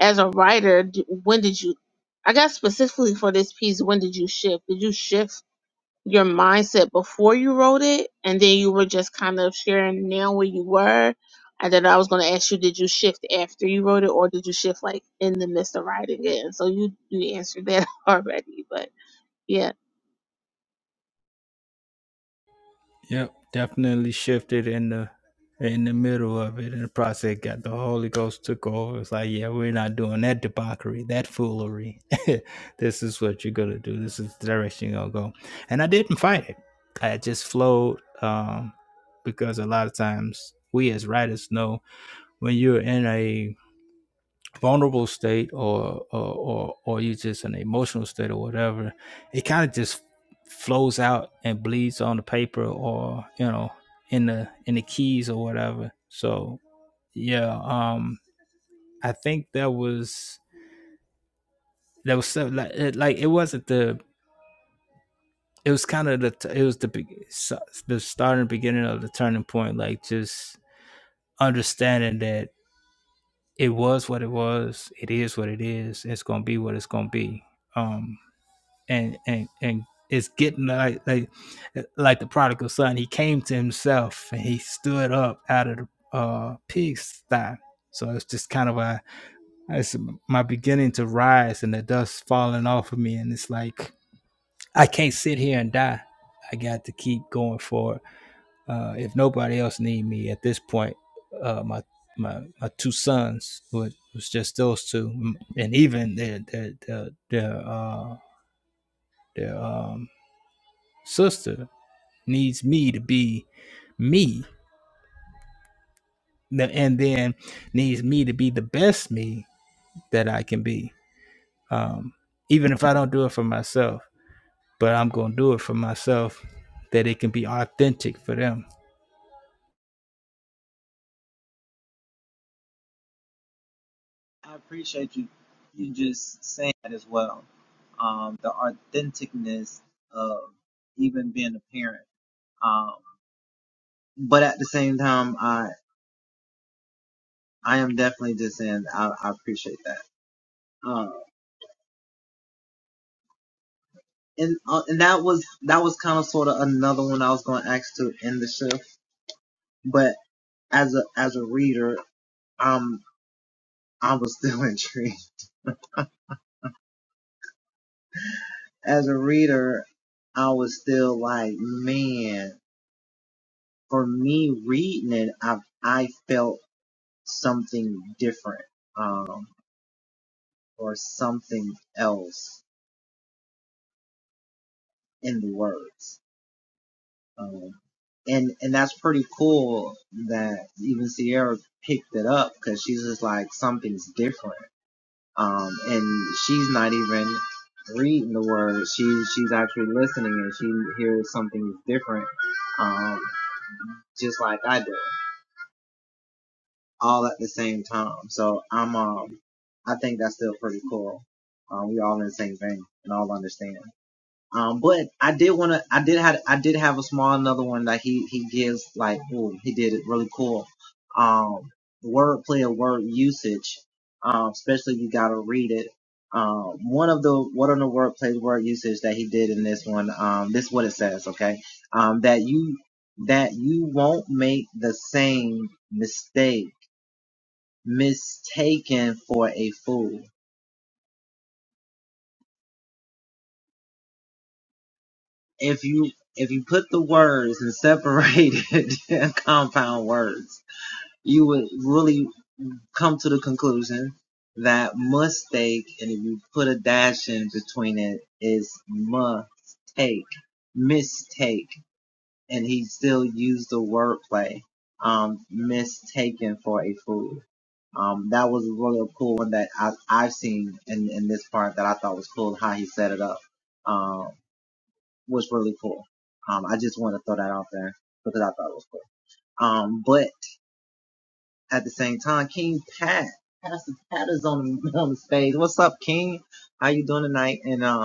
[SPEAKER 2] as a writer, d- when did you, I guess specifically for this piece, when did you shift? Did you shift your mindset before you wrote it and then you were just kind of sharing now where you were and then i was going to ask you did you shift after you wrote it or did you shift like in the midst of writing it and so you you answered that already but yeah
[SPEAKER 3] Yep, definitely shifted in the in the middle of it, and the process got the Holy Ghost took over. It's like, yeah, we're not doing that debauchery, that foolery. this is what you're gonna do. This is the direction you're gonna go. And I didn't fight it. I just flowed um, because a lot of times we as writers know when you're in a vulnerable state or or or, or you just in an emotional state or whatever, it kind of just flows out and bleeds on the paper or you know in the in the keys or whatever. So yeah, um, I think that was that was so, like it, like it wasn't the it was kind of the it was the big the start and beginning of the turning point like just understanding that it was what it was it is what it is it's gonna be what it's gonna be Um, and and and is getting like like like the prodigal son. He came to himself and he stood up out of the uh, pig sty. So it's just kind of a it's my beginning to rise and the dust falling off of me, and it's like I can't sit here and die. I got to keep going forward. Uh, if nobody else need me at this point, uh, my my my two sons It was just those two, and even their their their their, uh, their um, sister needs me to be me and then needs me to be the best me that I can be. Um, even if I don't do it for myself, but I'm going to do it for myself that it can be authentic for them.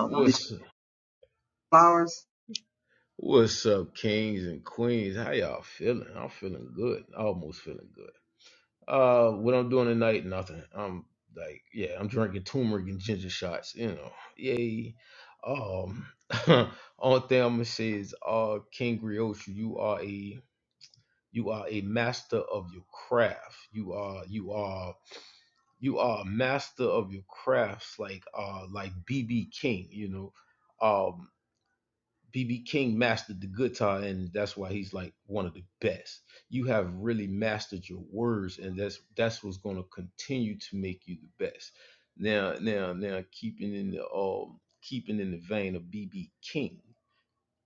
[SPEAKER 5] What's what's up, kings and queens? How y'all feeling? I'm feeling good. Almost feeling good. Uh, what I'm doing tonight? Nothing. I'm like, yeah, I'm drinking turmeric and ginger shots. You know, yay. Um, only thing I'm gonna say is, uh, King Griotri, you are a you are a master of your craft. You are you are you are a master of your crafts, like uh like BB King. You know, um. BB King mastered the guitar, and that's why he's like one of the best. You have really mastered your words, and that's that's what's going to continue to make you the best. Now, now, now, keeping in the um, keeping in the vein of BB King,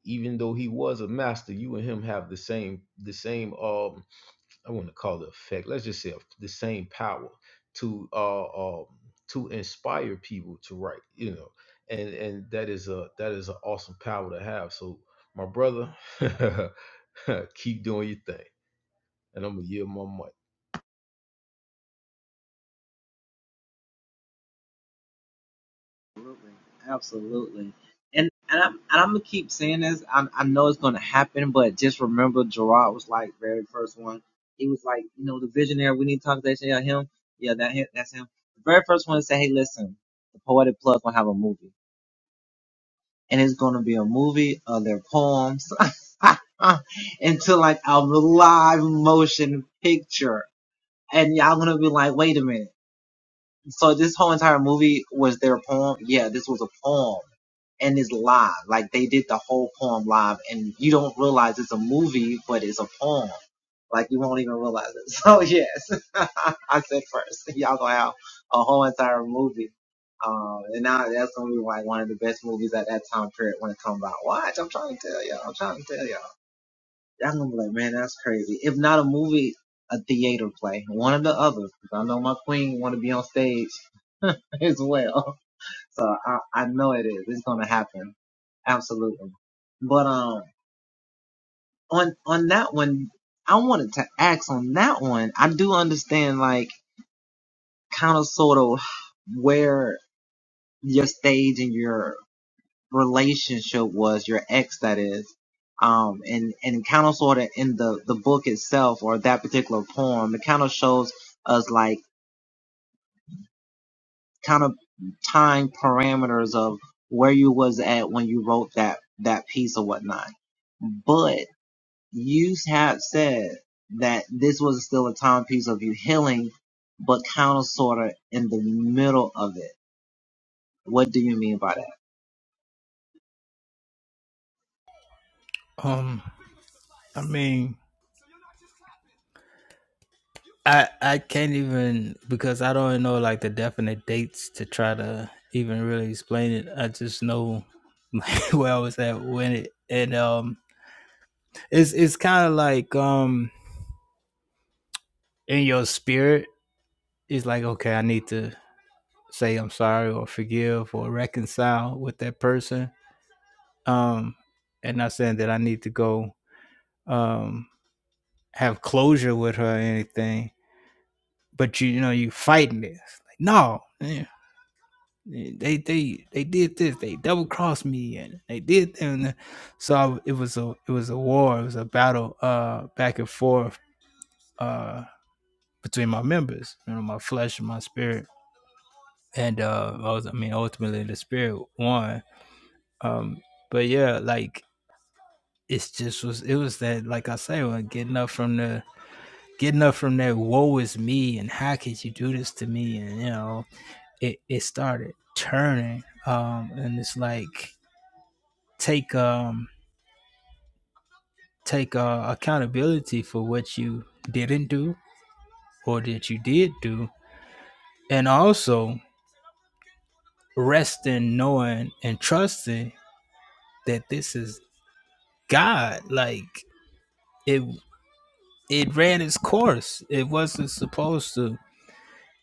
[SPEAKER 5] even though he was a master, you and him have the same the same um I wouldn't call it effect. Let's just say the same power to uh, um, to inspire people to write. You know, and and that is a that is an awesome power to have. So my brother, keep doing your thing, and I'm gonna yield my mic.
[SPEAKER 3] Um, I mean, I I can't even because I don't know like the definite dates to try to even really explain it. I just know where I was at when it and um it's it's kind of like um in your spirit it's like okay i need to say i'm sorry or forgive or reconcile with that person um and not saying that i need to go um have closure with her or anything but you, you know you fighting this like no yeah, they they they did this they double crossed me and they did that and so I- it was a it was a war it was a battle uh back and forth uh between my members you know my flesh and my spirit and uh I was I mean ultimately the spirit won Um, but yeah, like it's just was it was that like I say, when getting up from the getting up from that woe is me and how could you do this to me and you know it it started turning um and it's like take um take uh, accountability for what you didn't do or that you did do and also rest in knowing and trusting that this is God like it it ran its course. It wasn't supposed to.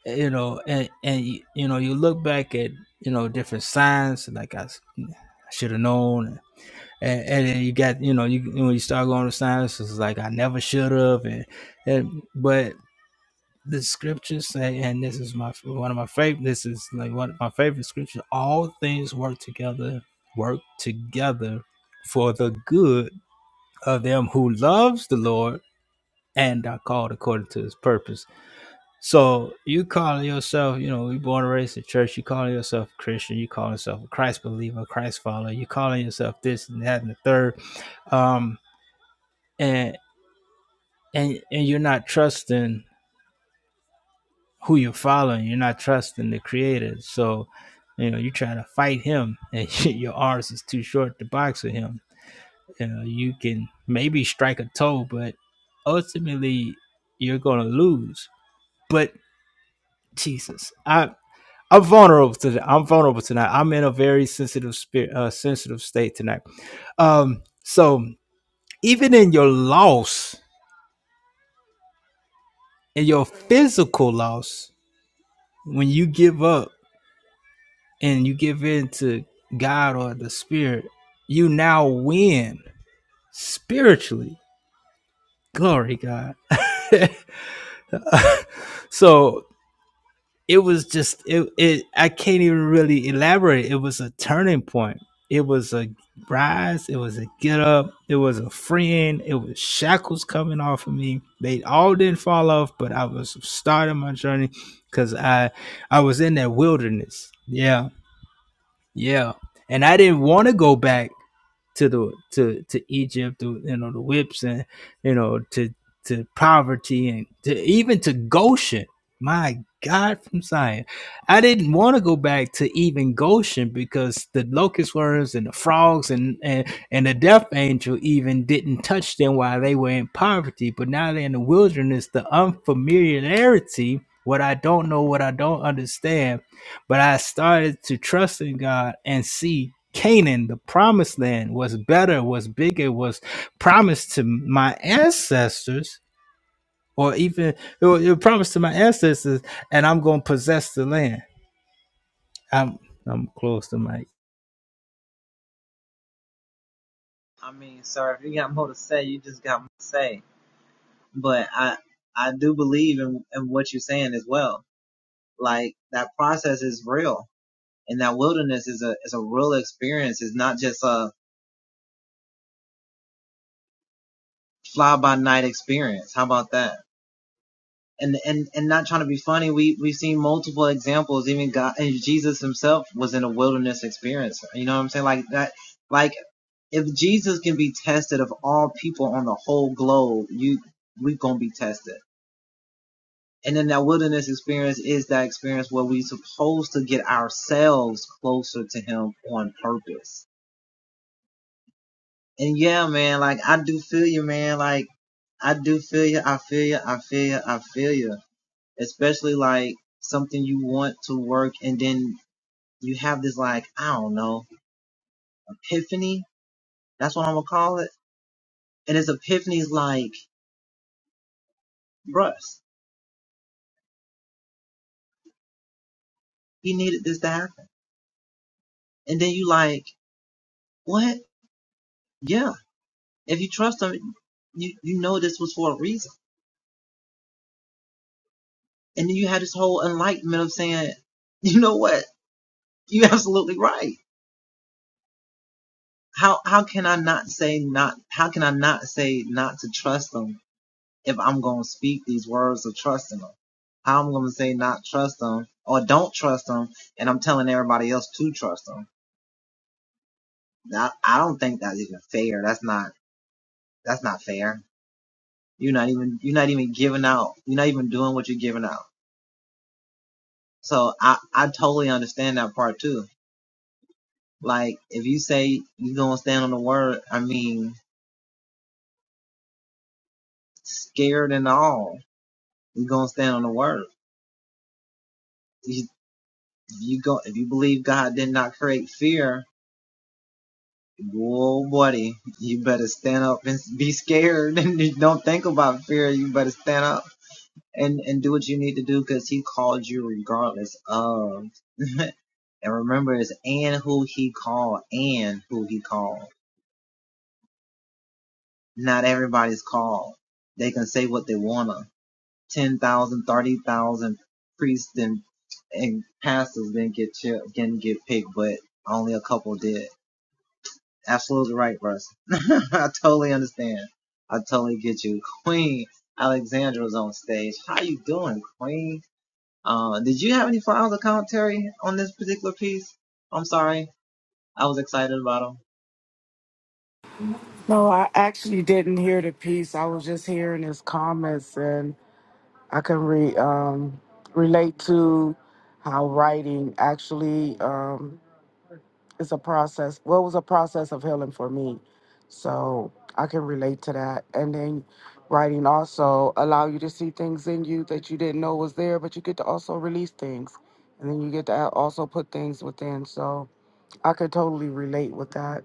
[SPEAKER 3] you know and and you, you know you look back at you know different signs like i, should have known and, and then you got you know you when you start going to signs it's like i never should have and, and but the scriptures say and this is my one of my favorite this is like one of my favorite scriptures all things work together work together for the good of them who loves the lord and are called according to his purpose so you calling yourself, you know, you born and raised in church. You calling yourself a Christian. You calling yourself a Christ believer, Christ follower. You calling yourself this and that and the third. Um, and and and you're not trusting who you're following. You're not trusting the Creator. So, you know, you try to fight Him, and your arms is too short to box with Him. You know, you can maybe strike a toe, but ultimately you're gonna lose. But Jesus, I I'm vulnerable today. I'm vulnerable tonight. I'm in a very sensitive spirit, uh, sensitive state tonight. Um, so even in your loss, in your physical loss, when you give up and you give in to God or the Spirit, you now win spiritually. Glory God. so it was just it, it i can't even really elaborate it was a turning point it was a rise it was a get up it was a friend it was shackles coming off of me they all didn't fall off but i was starting my journey because i i was in that wilderness yeah yeah, and I didn't want to go back to the to to Egypt, to, you know, the whips and you know to to poverty and to even to Goshen. My God, from Zion, I didn't want to go back to even Goshen because the locust worms and the frogs and and and the death angel even didn't touch them while they were in poverty. But now they're in the wilderness, the unfamiliarity. What I don't know, what I don't understand, but I started to trust in God and see Canaan, the promised land, was better, was bigger, was promised to my ancestors, or even it was, it was promised to my ancestors, and I'm gonna possess the land. I'm I'm close to my
[SPEAKER 6] No, I actually didn't hear the piece. I was just hearing his comments, and I can re, um, relate to how writing actually um, is a process. Well, it was a process of healing for me, so I can relate to that. And then writing also allow you to see things in you that you didn't know was there, but you get to also release things, and then you get to also put things within. So I could totally relate with that.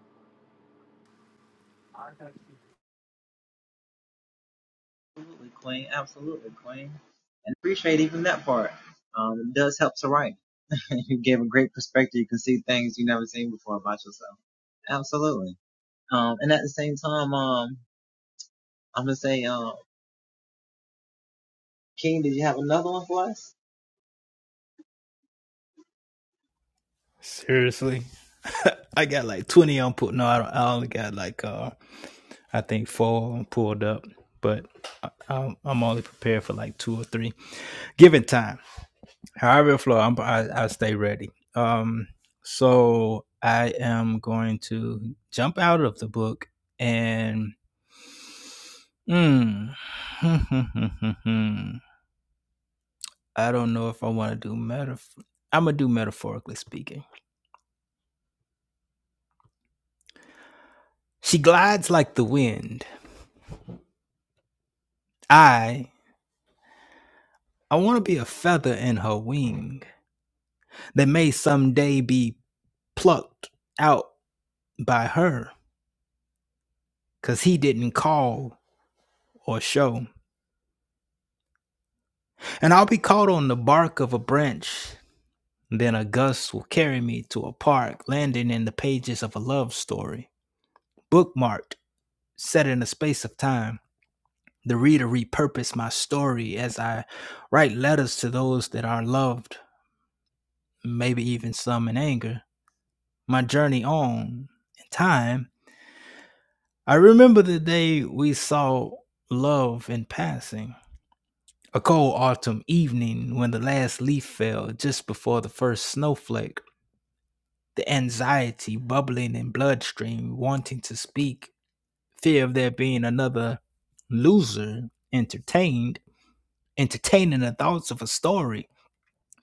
[SPEAKER 3] seriously. I got like 20 on pull. No, I, I only got like uh I think four pulled up, but I, I'm, I'm only prepared for like two or three, given time. however it flow, I'm, I I stay ready. Um, so I am going to jump out of the book and mm, I don't know if I want to do metaphor. I'm gonna do metaphorically speaking. She glides like the wind. I I want to be a feather in her wing that may someday be plucked out by her, cause he didn't call or show and I'll be caught on the bark of a branch Then a gust will carry me to a park, landing in the pages of a love story. Bookmarked, set in a space of time, the reader repurposes my story as I write letters to those that are loved, maybe even some in anger. My journey on in time, I remember the day we saw love in passing. A cold autumn evening when the last leaf fell just before the first snowflake the anxiety bubbling in bloodstream, wanting to speak, fear of there being another loser entertained, entertaining the thoughts of a story,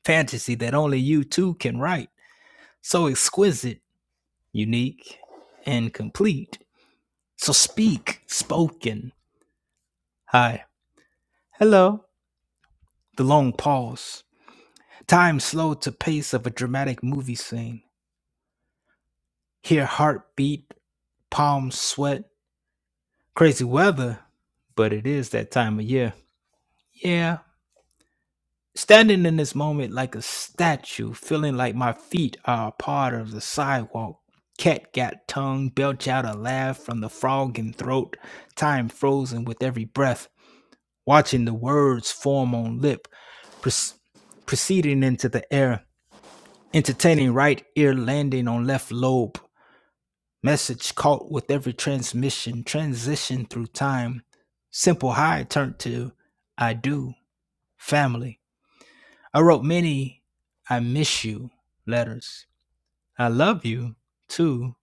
[SPEAKER 3] fantasy that only you two can write, so exquisite, unique, and complete. So speak, spoken. Hi. Hello. The long pause. Time slowed to pace of a dramatic movie scene. Hear heartbeat, palms sweat, crazy weather, but it is that time of year. Yeah. Standing in this moment like a statue, feeling like my feet are a part of the sidewalk. Cat got tongue, belch out a laugh from the frog in throat, time frozen with every breath, watching the words form on lip, proce- proceeding into the air, entertaining right ear landing on left lobe, Message caught with every transmission, transition through time. Simple high turned to I do, family. I wrote many I miss you letters. I love you too.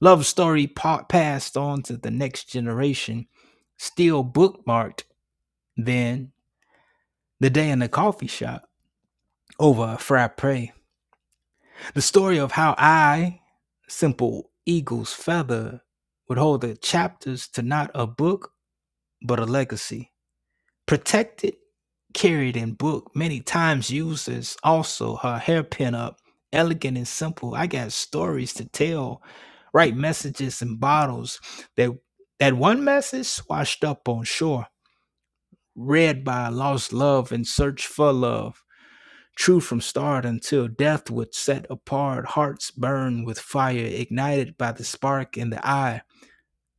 [SPEAKER 3] Love story pa- passed on to the next generation, still bookmarked then. The day in the coffee shop over a frappe. The story of how I, simple eagle's feather, would hold the chapters to not a book but a legacy. Protected, carried in book, many times used as also her hairpin up, elegant and simple. I got stories to tell, write messages in bottles that that one message swashed up on shore, read by a lost love in search for love. True from start until death would set apart, hearts burn with fire ignited by the spark in the eye.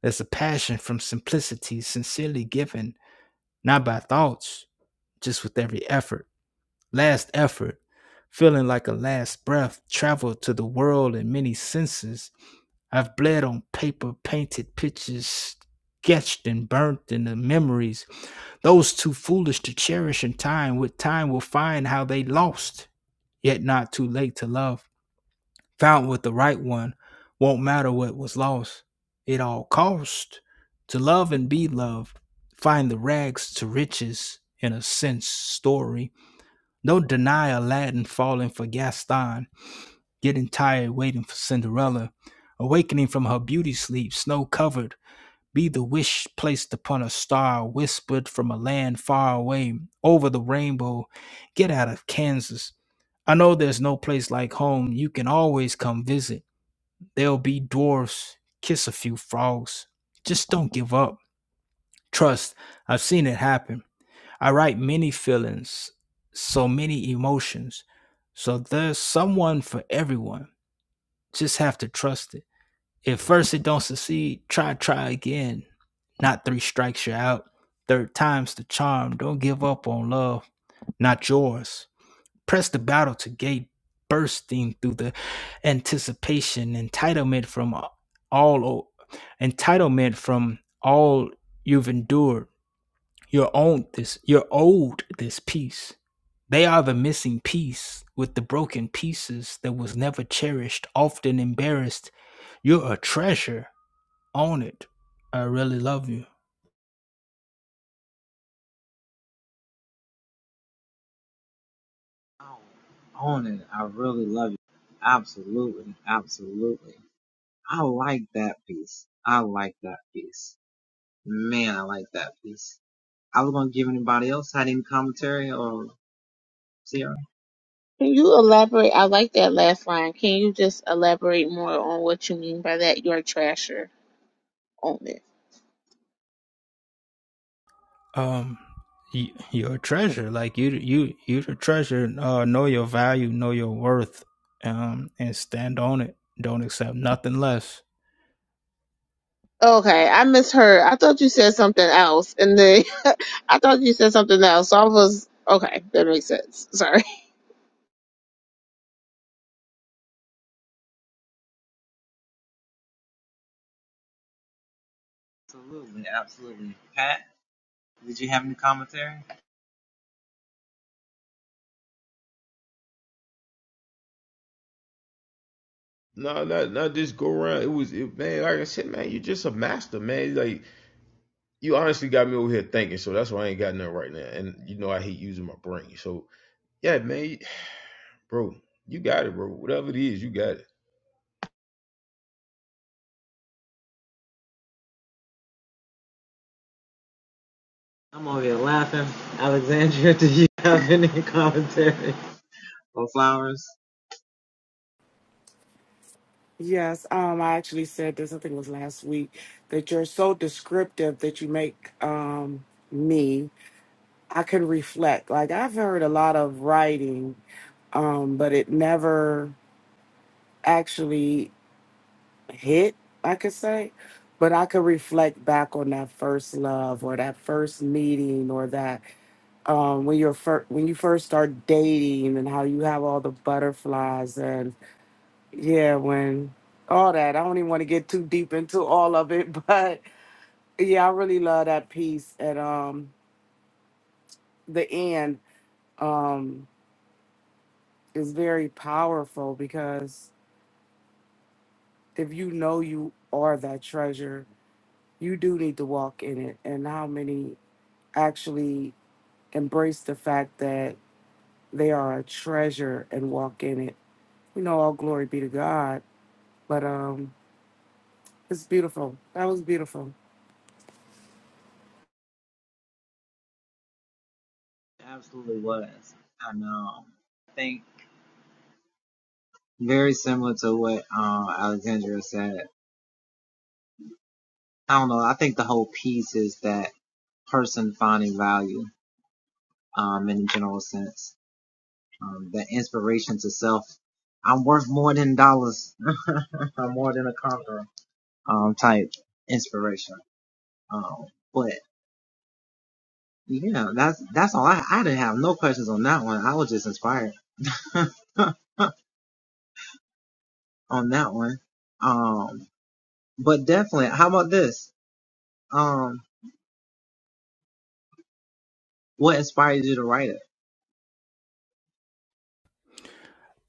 [SPEAKER 3] There's a passion from simplicity, sincerely given, not by thoughts just with every effort, last effort, feeling like a last breath, travel to the world in many senses. I've bled on paper, painted pictures, sketched and burnt in the memories. Those too foolish to cherish in time, with time will find how they lost, yet not too late to love. Found with the right one, won't matter what was lost. It all cost to love and be loved, find the rags to riches in a sense story. Don't deny Aladdin falling for Gaston, getting tired waiting for Cinderella, awakening from her beauty sleep, snow covered. Be the wish placed upon a star, whispered from a land far away, over the rainbow. Get out of Kansas. I know there's no place like home. You can always come visit. There'll be dwarfs. Kiss a few frogs. Just don't give up. Trust, I've seen it happen. I write many feelings, so many emotions. So there's someone for everyone. Just have to trust it. If first it don't succeed, try try again. Not three strikes you out. Third time's the charm. Don't give up on love, not yours. Press the battle to gate bursting through the anticipation, entitlement from all entitlement from all you've endured you're on this. You're owed this piece. They are the missing piece with the broken pieces that was never cherished, often embarrassed. You're a treasure. Own it. I really love you.
[SPEAKER 2] can you elaborate i like that last line can you just elaborate more on what you mean by that you're a trasher on it
[SPEAKER 3] Um, y- you're a treasure. Like you, you, you're the treasure. Uh, know your value. Know your worth. Um, and stand on it. Don't accept nothing less.
[SPEAKER 2] okay i misheard i thought you said something else and then i thought you said something else so i was okay that makes sense sorry
[SPEAKER 5] No, not not just go around. It was it, man. Like I said, man, you're just a master, man. Like you honestly got me over here thinking. So that's why I ain't got nothing right now. And you know I hate using my brain. So yeah, man. Bro, you got it, bro. Whatever it is, you got it.
[SPEAKER 6] Yes, um, I actually said this, I think it was last week, that you're so descriptive that you make um, me, I can reflect. Like, I've heard a lot of writing, um, but it never actually hit, I could say. But I could reflect back on that first love or that first meeting or that um, when you're fir- when you first start dating and how you have all the butterflies and. yeah, when all that. I don't even want to get too deep into all of it, but yeah, I really love that piece at um the end um is very powerful because if you know you are that treasure, you do need to walk in it. And how many actually embrace the fact that they are a treasure and walk in it. You know, all glory be to God. But um it's beautiful. That was beautiful.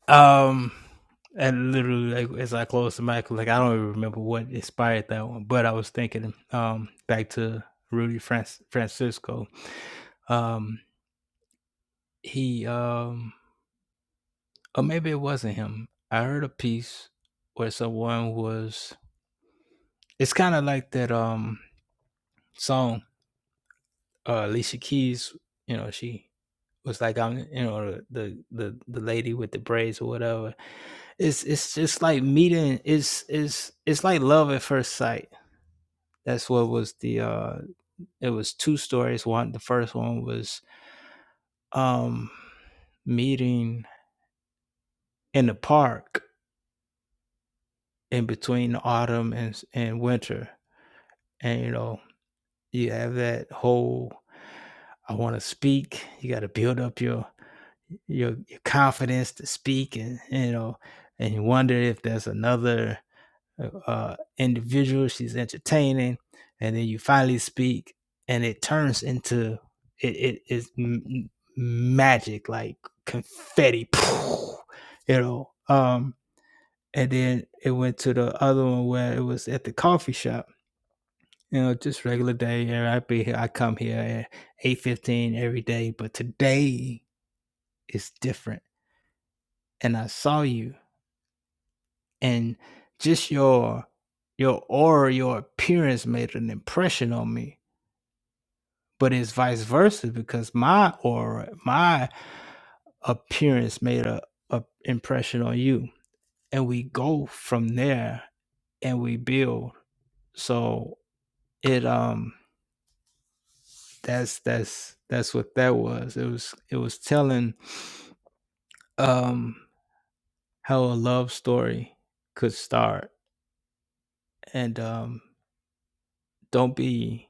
[SPEAKER 3] Um, and literally, like as I closed the mic, like I don't even remember what inspired that one, but I was thinking, um, back to Rudy Franc- Francisco. Um, he, um, or maybe it wasn't him. I heard a piece where someone was. It's kind of like that um song, uh, Alicia Keys. You know, she was like, I'm, you know, the the the lady with the braids or whatever. It's it's just like meeting. It's it's it's like love at first sight That's what was the uh it was two stories. One the first one was um meeting in the park in between autumn and and winter. And you know, you have that whole I want to speak. You got to build up your your your confidence to speak and you know and you wonder if there's another uh, individual. She's entertaining, and then you finally speak, and it turns into it. It is m- magic, like confetti, you know. Um, and then it went to the other one where it was at the coffee shop. You know, just regular day. And I be here. I come here at eight fifteen every day, but today is different. And I saw you and just your your aura, your appearance made an impression on me. But it's vice versa because my aura, my appearance made a, a impression on you, and we go from there and we build. So it um that's that's that's what that was. It was it was telling um how a love story could start and um don't be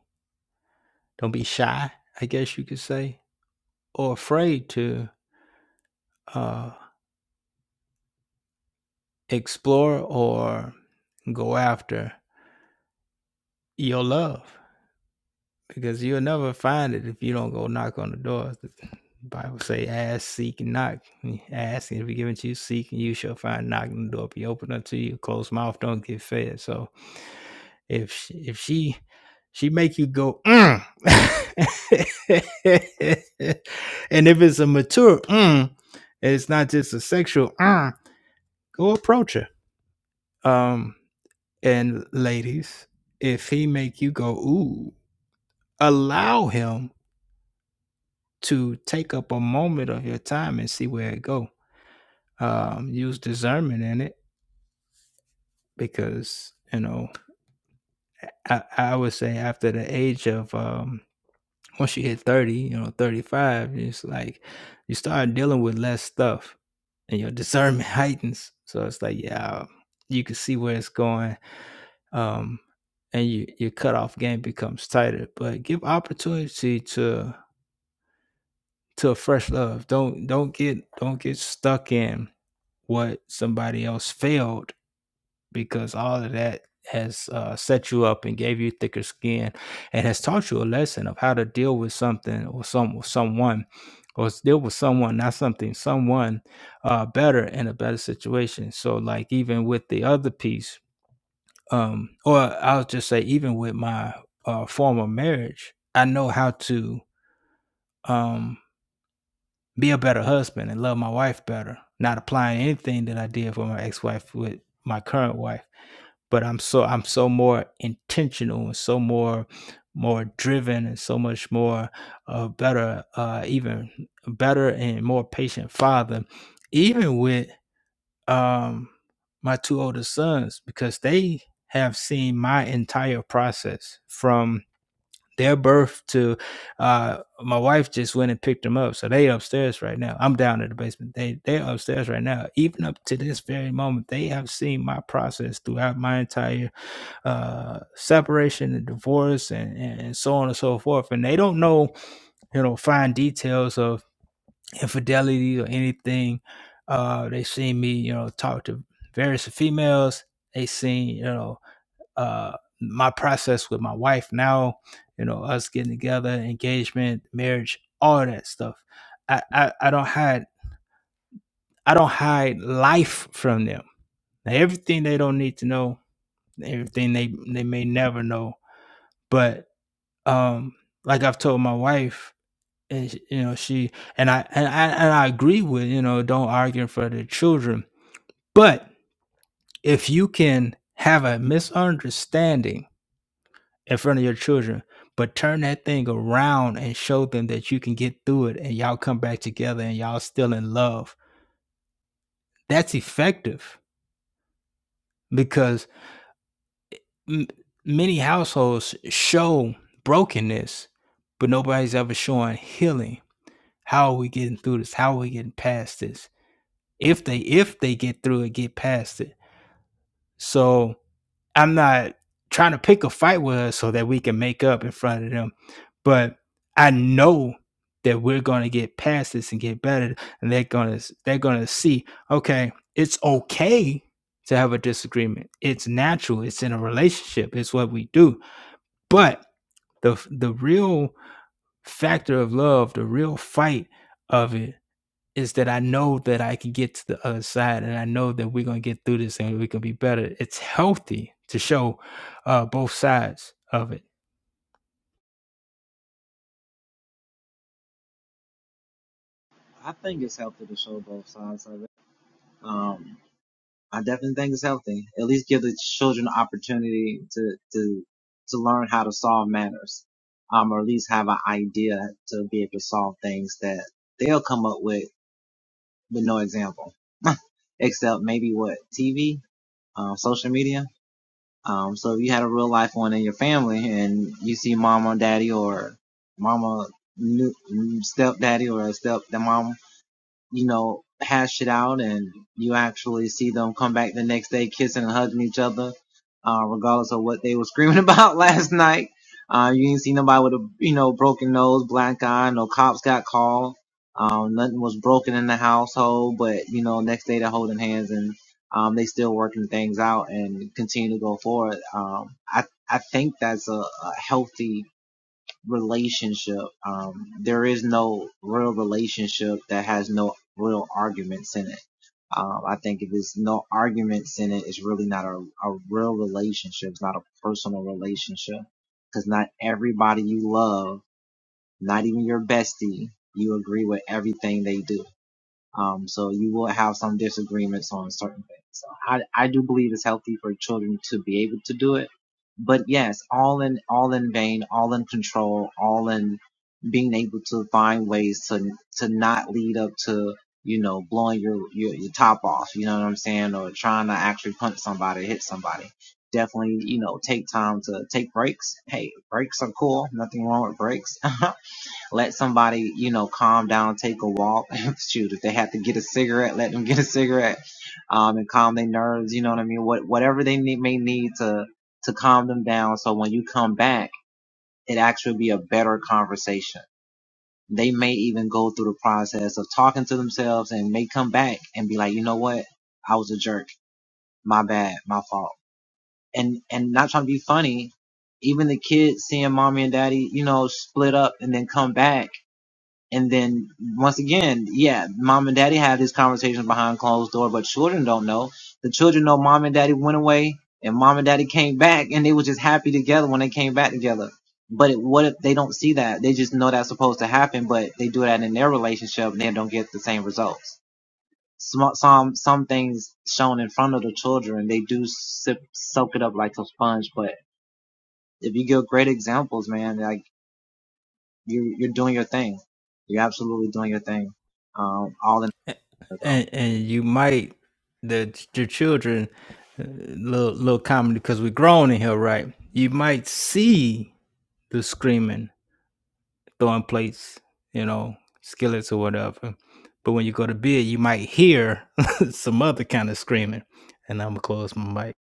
[SPEAKER 3] don't be shy, I guess you could say, or afraid to uh, explore or go after your love because you'll never find it if you don't go knock on the door. The Bible say, ask, seek, and knock. Ask, and if you give it be given to you, seek, and you shall find, Knocking the door be open unto you. Closed mouth don't get fed. So If if she she make you go, mm. and if it's a mature, mm, it's not just a sexual, mm, go approach her. Um, and ladies, if he make you go, ooh, allow him to take up a moment of your time and see where it go. Um, use discernment in it because you know I, I would say after the age of um, once you hit 30, you know, 35, it's like you start dealing with less stuff and your discernment heightens. So it's like, yeah, you can see where it's going. Um, and you, your cutoff game becomes tighter. But give opportunity to to a fresh love. Don't don't get don't get stuck in what somebody else failed because all of that has uh, set you up and gave you thicker skin and has taught you a lesson of how to deal with something or some someone or deal with someone not something someone uh, better in a better situation so like even with the other piece um or i'll just say even with my uh, former marriage i know how to um be a better husband and love my wife better not applying anything that i did for my ex-wife with my current wife but I'm so I'm so more intentional and so more more driven and so much more uh, better uh, even better and more patient father even with um, my two older sons because they have seen my entire process from their birth to uh, my wife just went and picked them up so they upstairs right now i'm down in the basement they they're upstairs right now even up to this very moment they have seen my process throughout my entire uh, separation and divorce and, and, so on and so forth. And they don't know, you know, fine details of infidelity or anything. Uh, they seen me, you know, talk to various females. They seen, you know, uh, my process with my wife now, you know, us getting together, engagement, marriage, all that stuff. I, I, I don't hide I don't hide life from them. Now, everything they don't need to know, everything they, they may never know, but um like I've told my wife and sh- you know she and I and I and I agree with you know don't argue in front of the children but if you can have a misunderstanding in front of your children but turn that thing around and show them that you can get through it and y'all come back together and y'all still in love that's effective because m- many households show brokenness but nobody's ever showing healing How are we getting through this? How are we getting past this? If they if they get through it, get past it. So I'm not trying to pick a fight with us so that we can make up in front of them. But I know that we're gonna get past this and get better. And they're gonna they're gonna see, okay, it's okay to have a disagreement. It's natural, it's in a relationship, it's what we do. But the the real factor of love, the real fight of it is that I know that I can get to the other side and I know that we're going to get through this and we can be better. It's healthy to show uh, both sides of it. And, and you might, the your children, uh, little, little comedy, because we're grown in here, right? You might see the screaming throwing plates, you know, skillets or whatever. But when you go to bed, you might hear some other kind of screaming. And I'm gonna close my mic.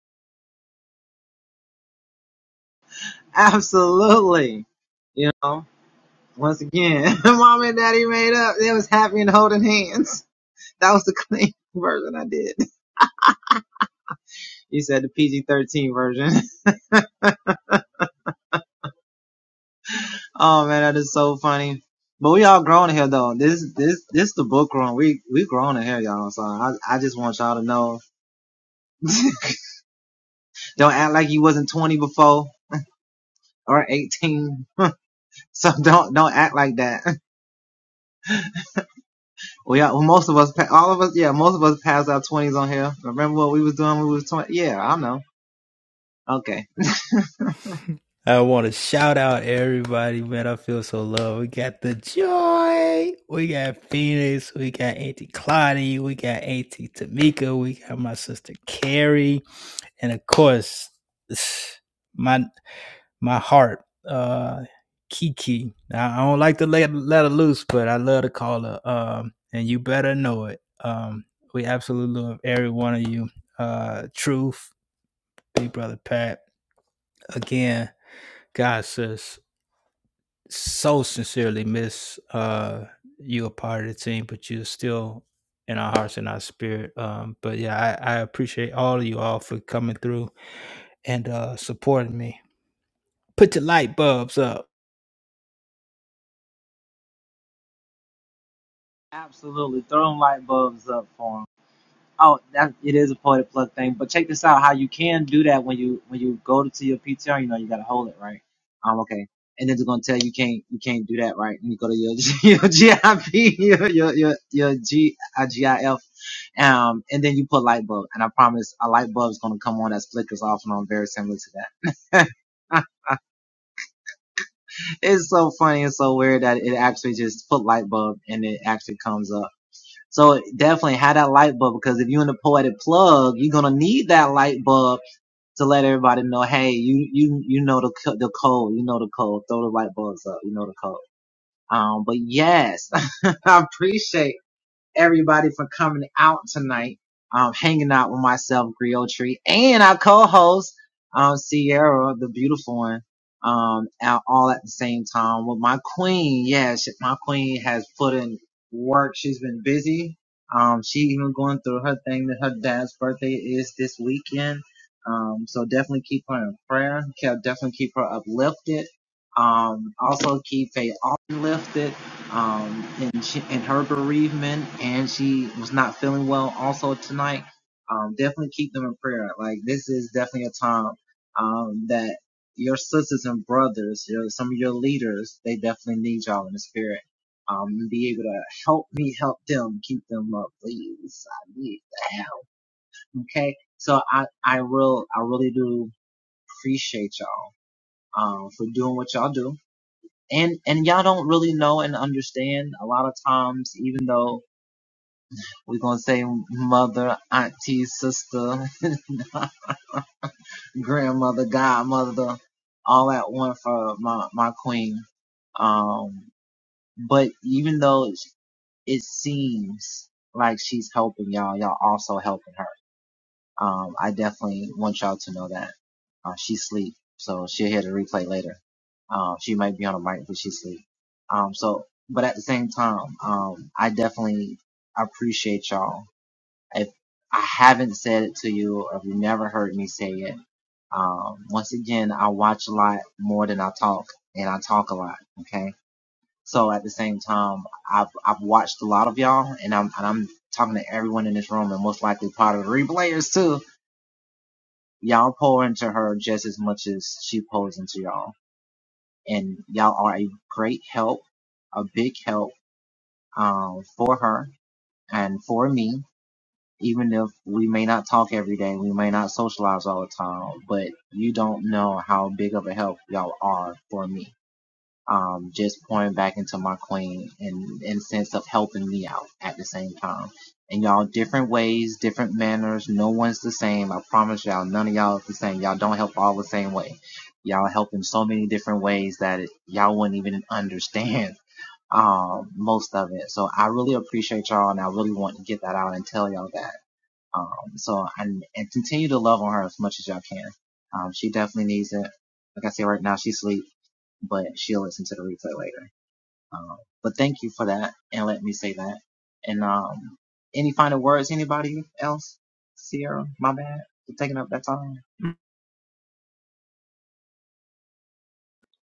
[SPEAKER 3] I want to shout out everybody, man. I feel so loved. We got the joy. We got Phoenix. We got Auntie Claudia. We got Auntie Tamika. We got my sister Carrie, and of course, my my heart, uh, Kiki. I don't like to let let her loose, but I love to call her. Um, and you better know it. Um, we absolutely love every one of you. Uh, Truth, Big Brother Pat. Again, God says so sincerely miss uh you a part of the team, but you're still in our hearts and our spirit. Um, but yeah, I, I appreciate all of you all for coming through and uh supporting me. Put your light bulbs up.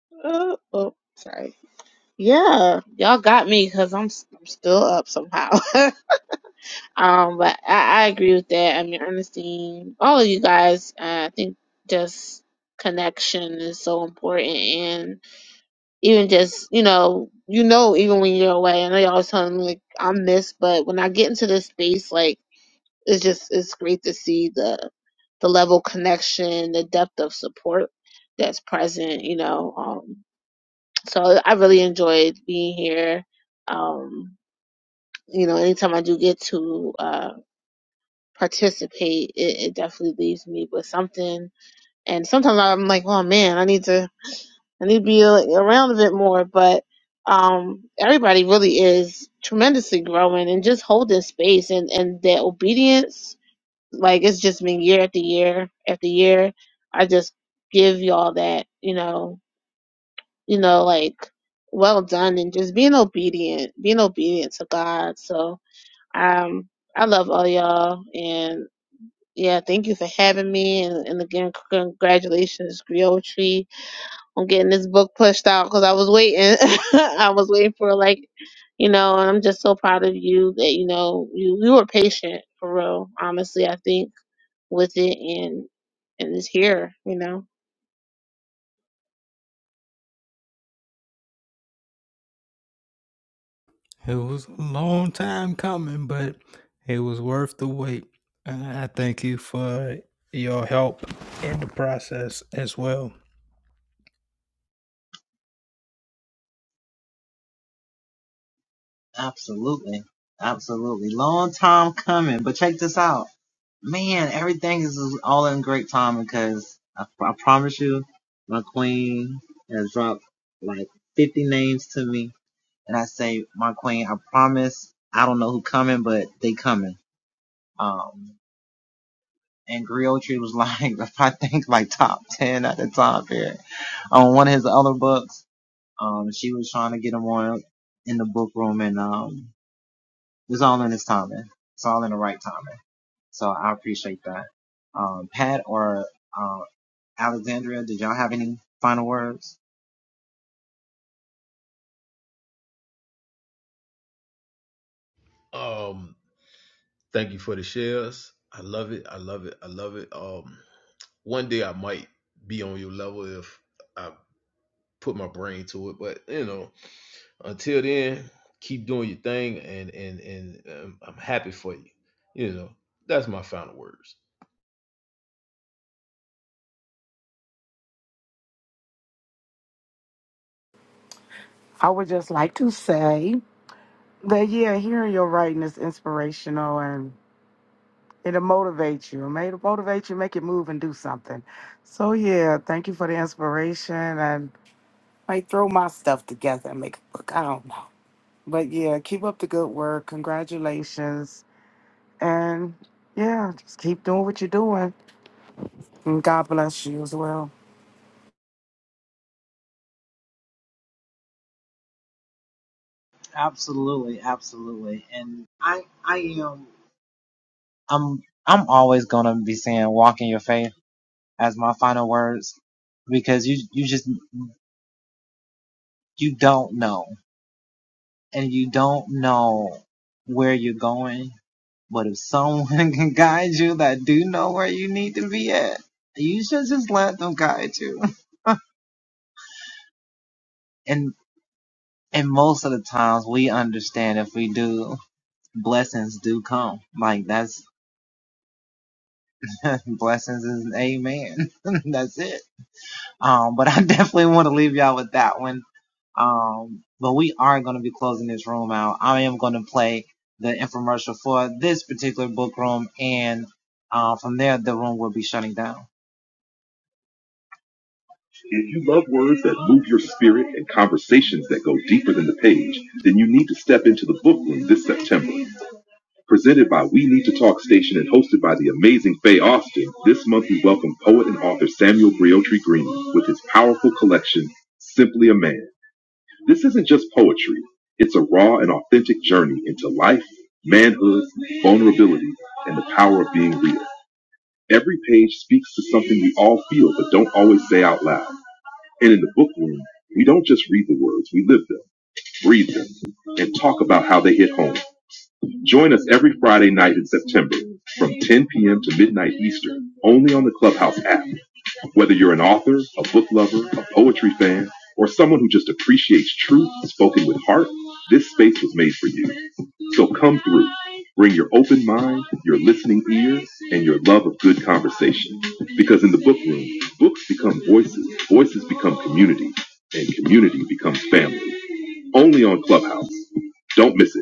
[SPEAKER 2] oh, oh sorry Yeah, y'all got me because I'm, s- I'm still up somehow. um, but I, I agree with that. I mean, Ernestine, all of you guys, uh, I think just connection is so important, and even just you know, you know, even when you're away, I know y'all was telling me like I'm missed, but when I get into this space, like it's just it's great to see the the level of connection, the depth of support that's present. You know, um, so I really enjoyed being here. Um, you know, anytime I do get to uh, participate, it, it definitely leaves me with something. And sometimes I'm like, oh man, I need to, I need to be like, around a bit more. But um, everybody really is tremendously growing and just holding space and and their obedience. Like it's just been year after year after year. I just give y'all that, you know, you know, like well done and just being obedient, being obedient to God. So um I love all y'all and yeah, thank you for having me and, and again congratulations Griotry on getting this book pushed out cuz I was waiting. I was waiting for like you know, and I'm just so proud of you that you know you you were patient for real. Honestly, I think with it and and it's here, you know.
[SPEAKER 3] It was a long time coming, but it was worth the wait. And I thank you for your help in the process as well.
[SPEAKER 5] Um, thank you for the shares. I love it. I love it. I love it. Um, one day I might be on your level if I put my brain to it, but you know, until then, keep doing your thing, and and and um, I'm happy for you. You know, that's my final words.
[SPEAKER 6] I would just like to say But yeah, hearing your writing is inspirational and it'll motivate you. It may it motivate you, make you move and do something. So yeah, thank you for the inspiration and I throw my stuff together and make a book. I don't know. But yeah, keep up the good work. Congratulations. And yeah, just keep doing what you're doing. And God bless you as well.
[SPEAKER 1] If you love words that move your spirit and conversations that go deeper than the page, then you need to step into the book room this September. Presented by We Need to Talk Station and hosted by the amazing Faye Austin, this month we welcome poet and author Samuel Briotry Green with his powerful collection, Simply a Man. This isn't just poetry, it's a raw and authentic journey into life, manhood, vulnerability, and the power of being real. Every page speaks to something we all feel but don't always say out loud. And in the bookworm, we don't just read the words, we live them, breathe them, and talk about how they hit home. Join us every Friday night in September from 10 p.m. to midnight Eastern, only on the Clubhouse app. Whether you're an author, a book lover, a poetry fan, or someone who just appreciates truth spoken with heart, this space was made for you. So come through. Bring your open mind, your listening ear, and your love of good conversation. Because in the book room, books become voices, voices become community, and community becomes family. Only on Clubhouse. Don't miss it.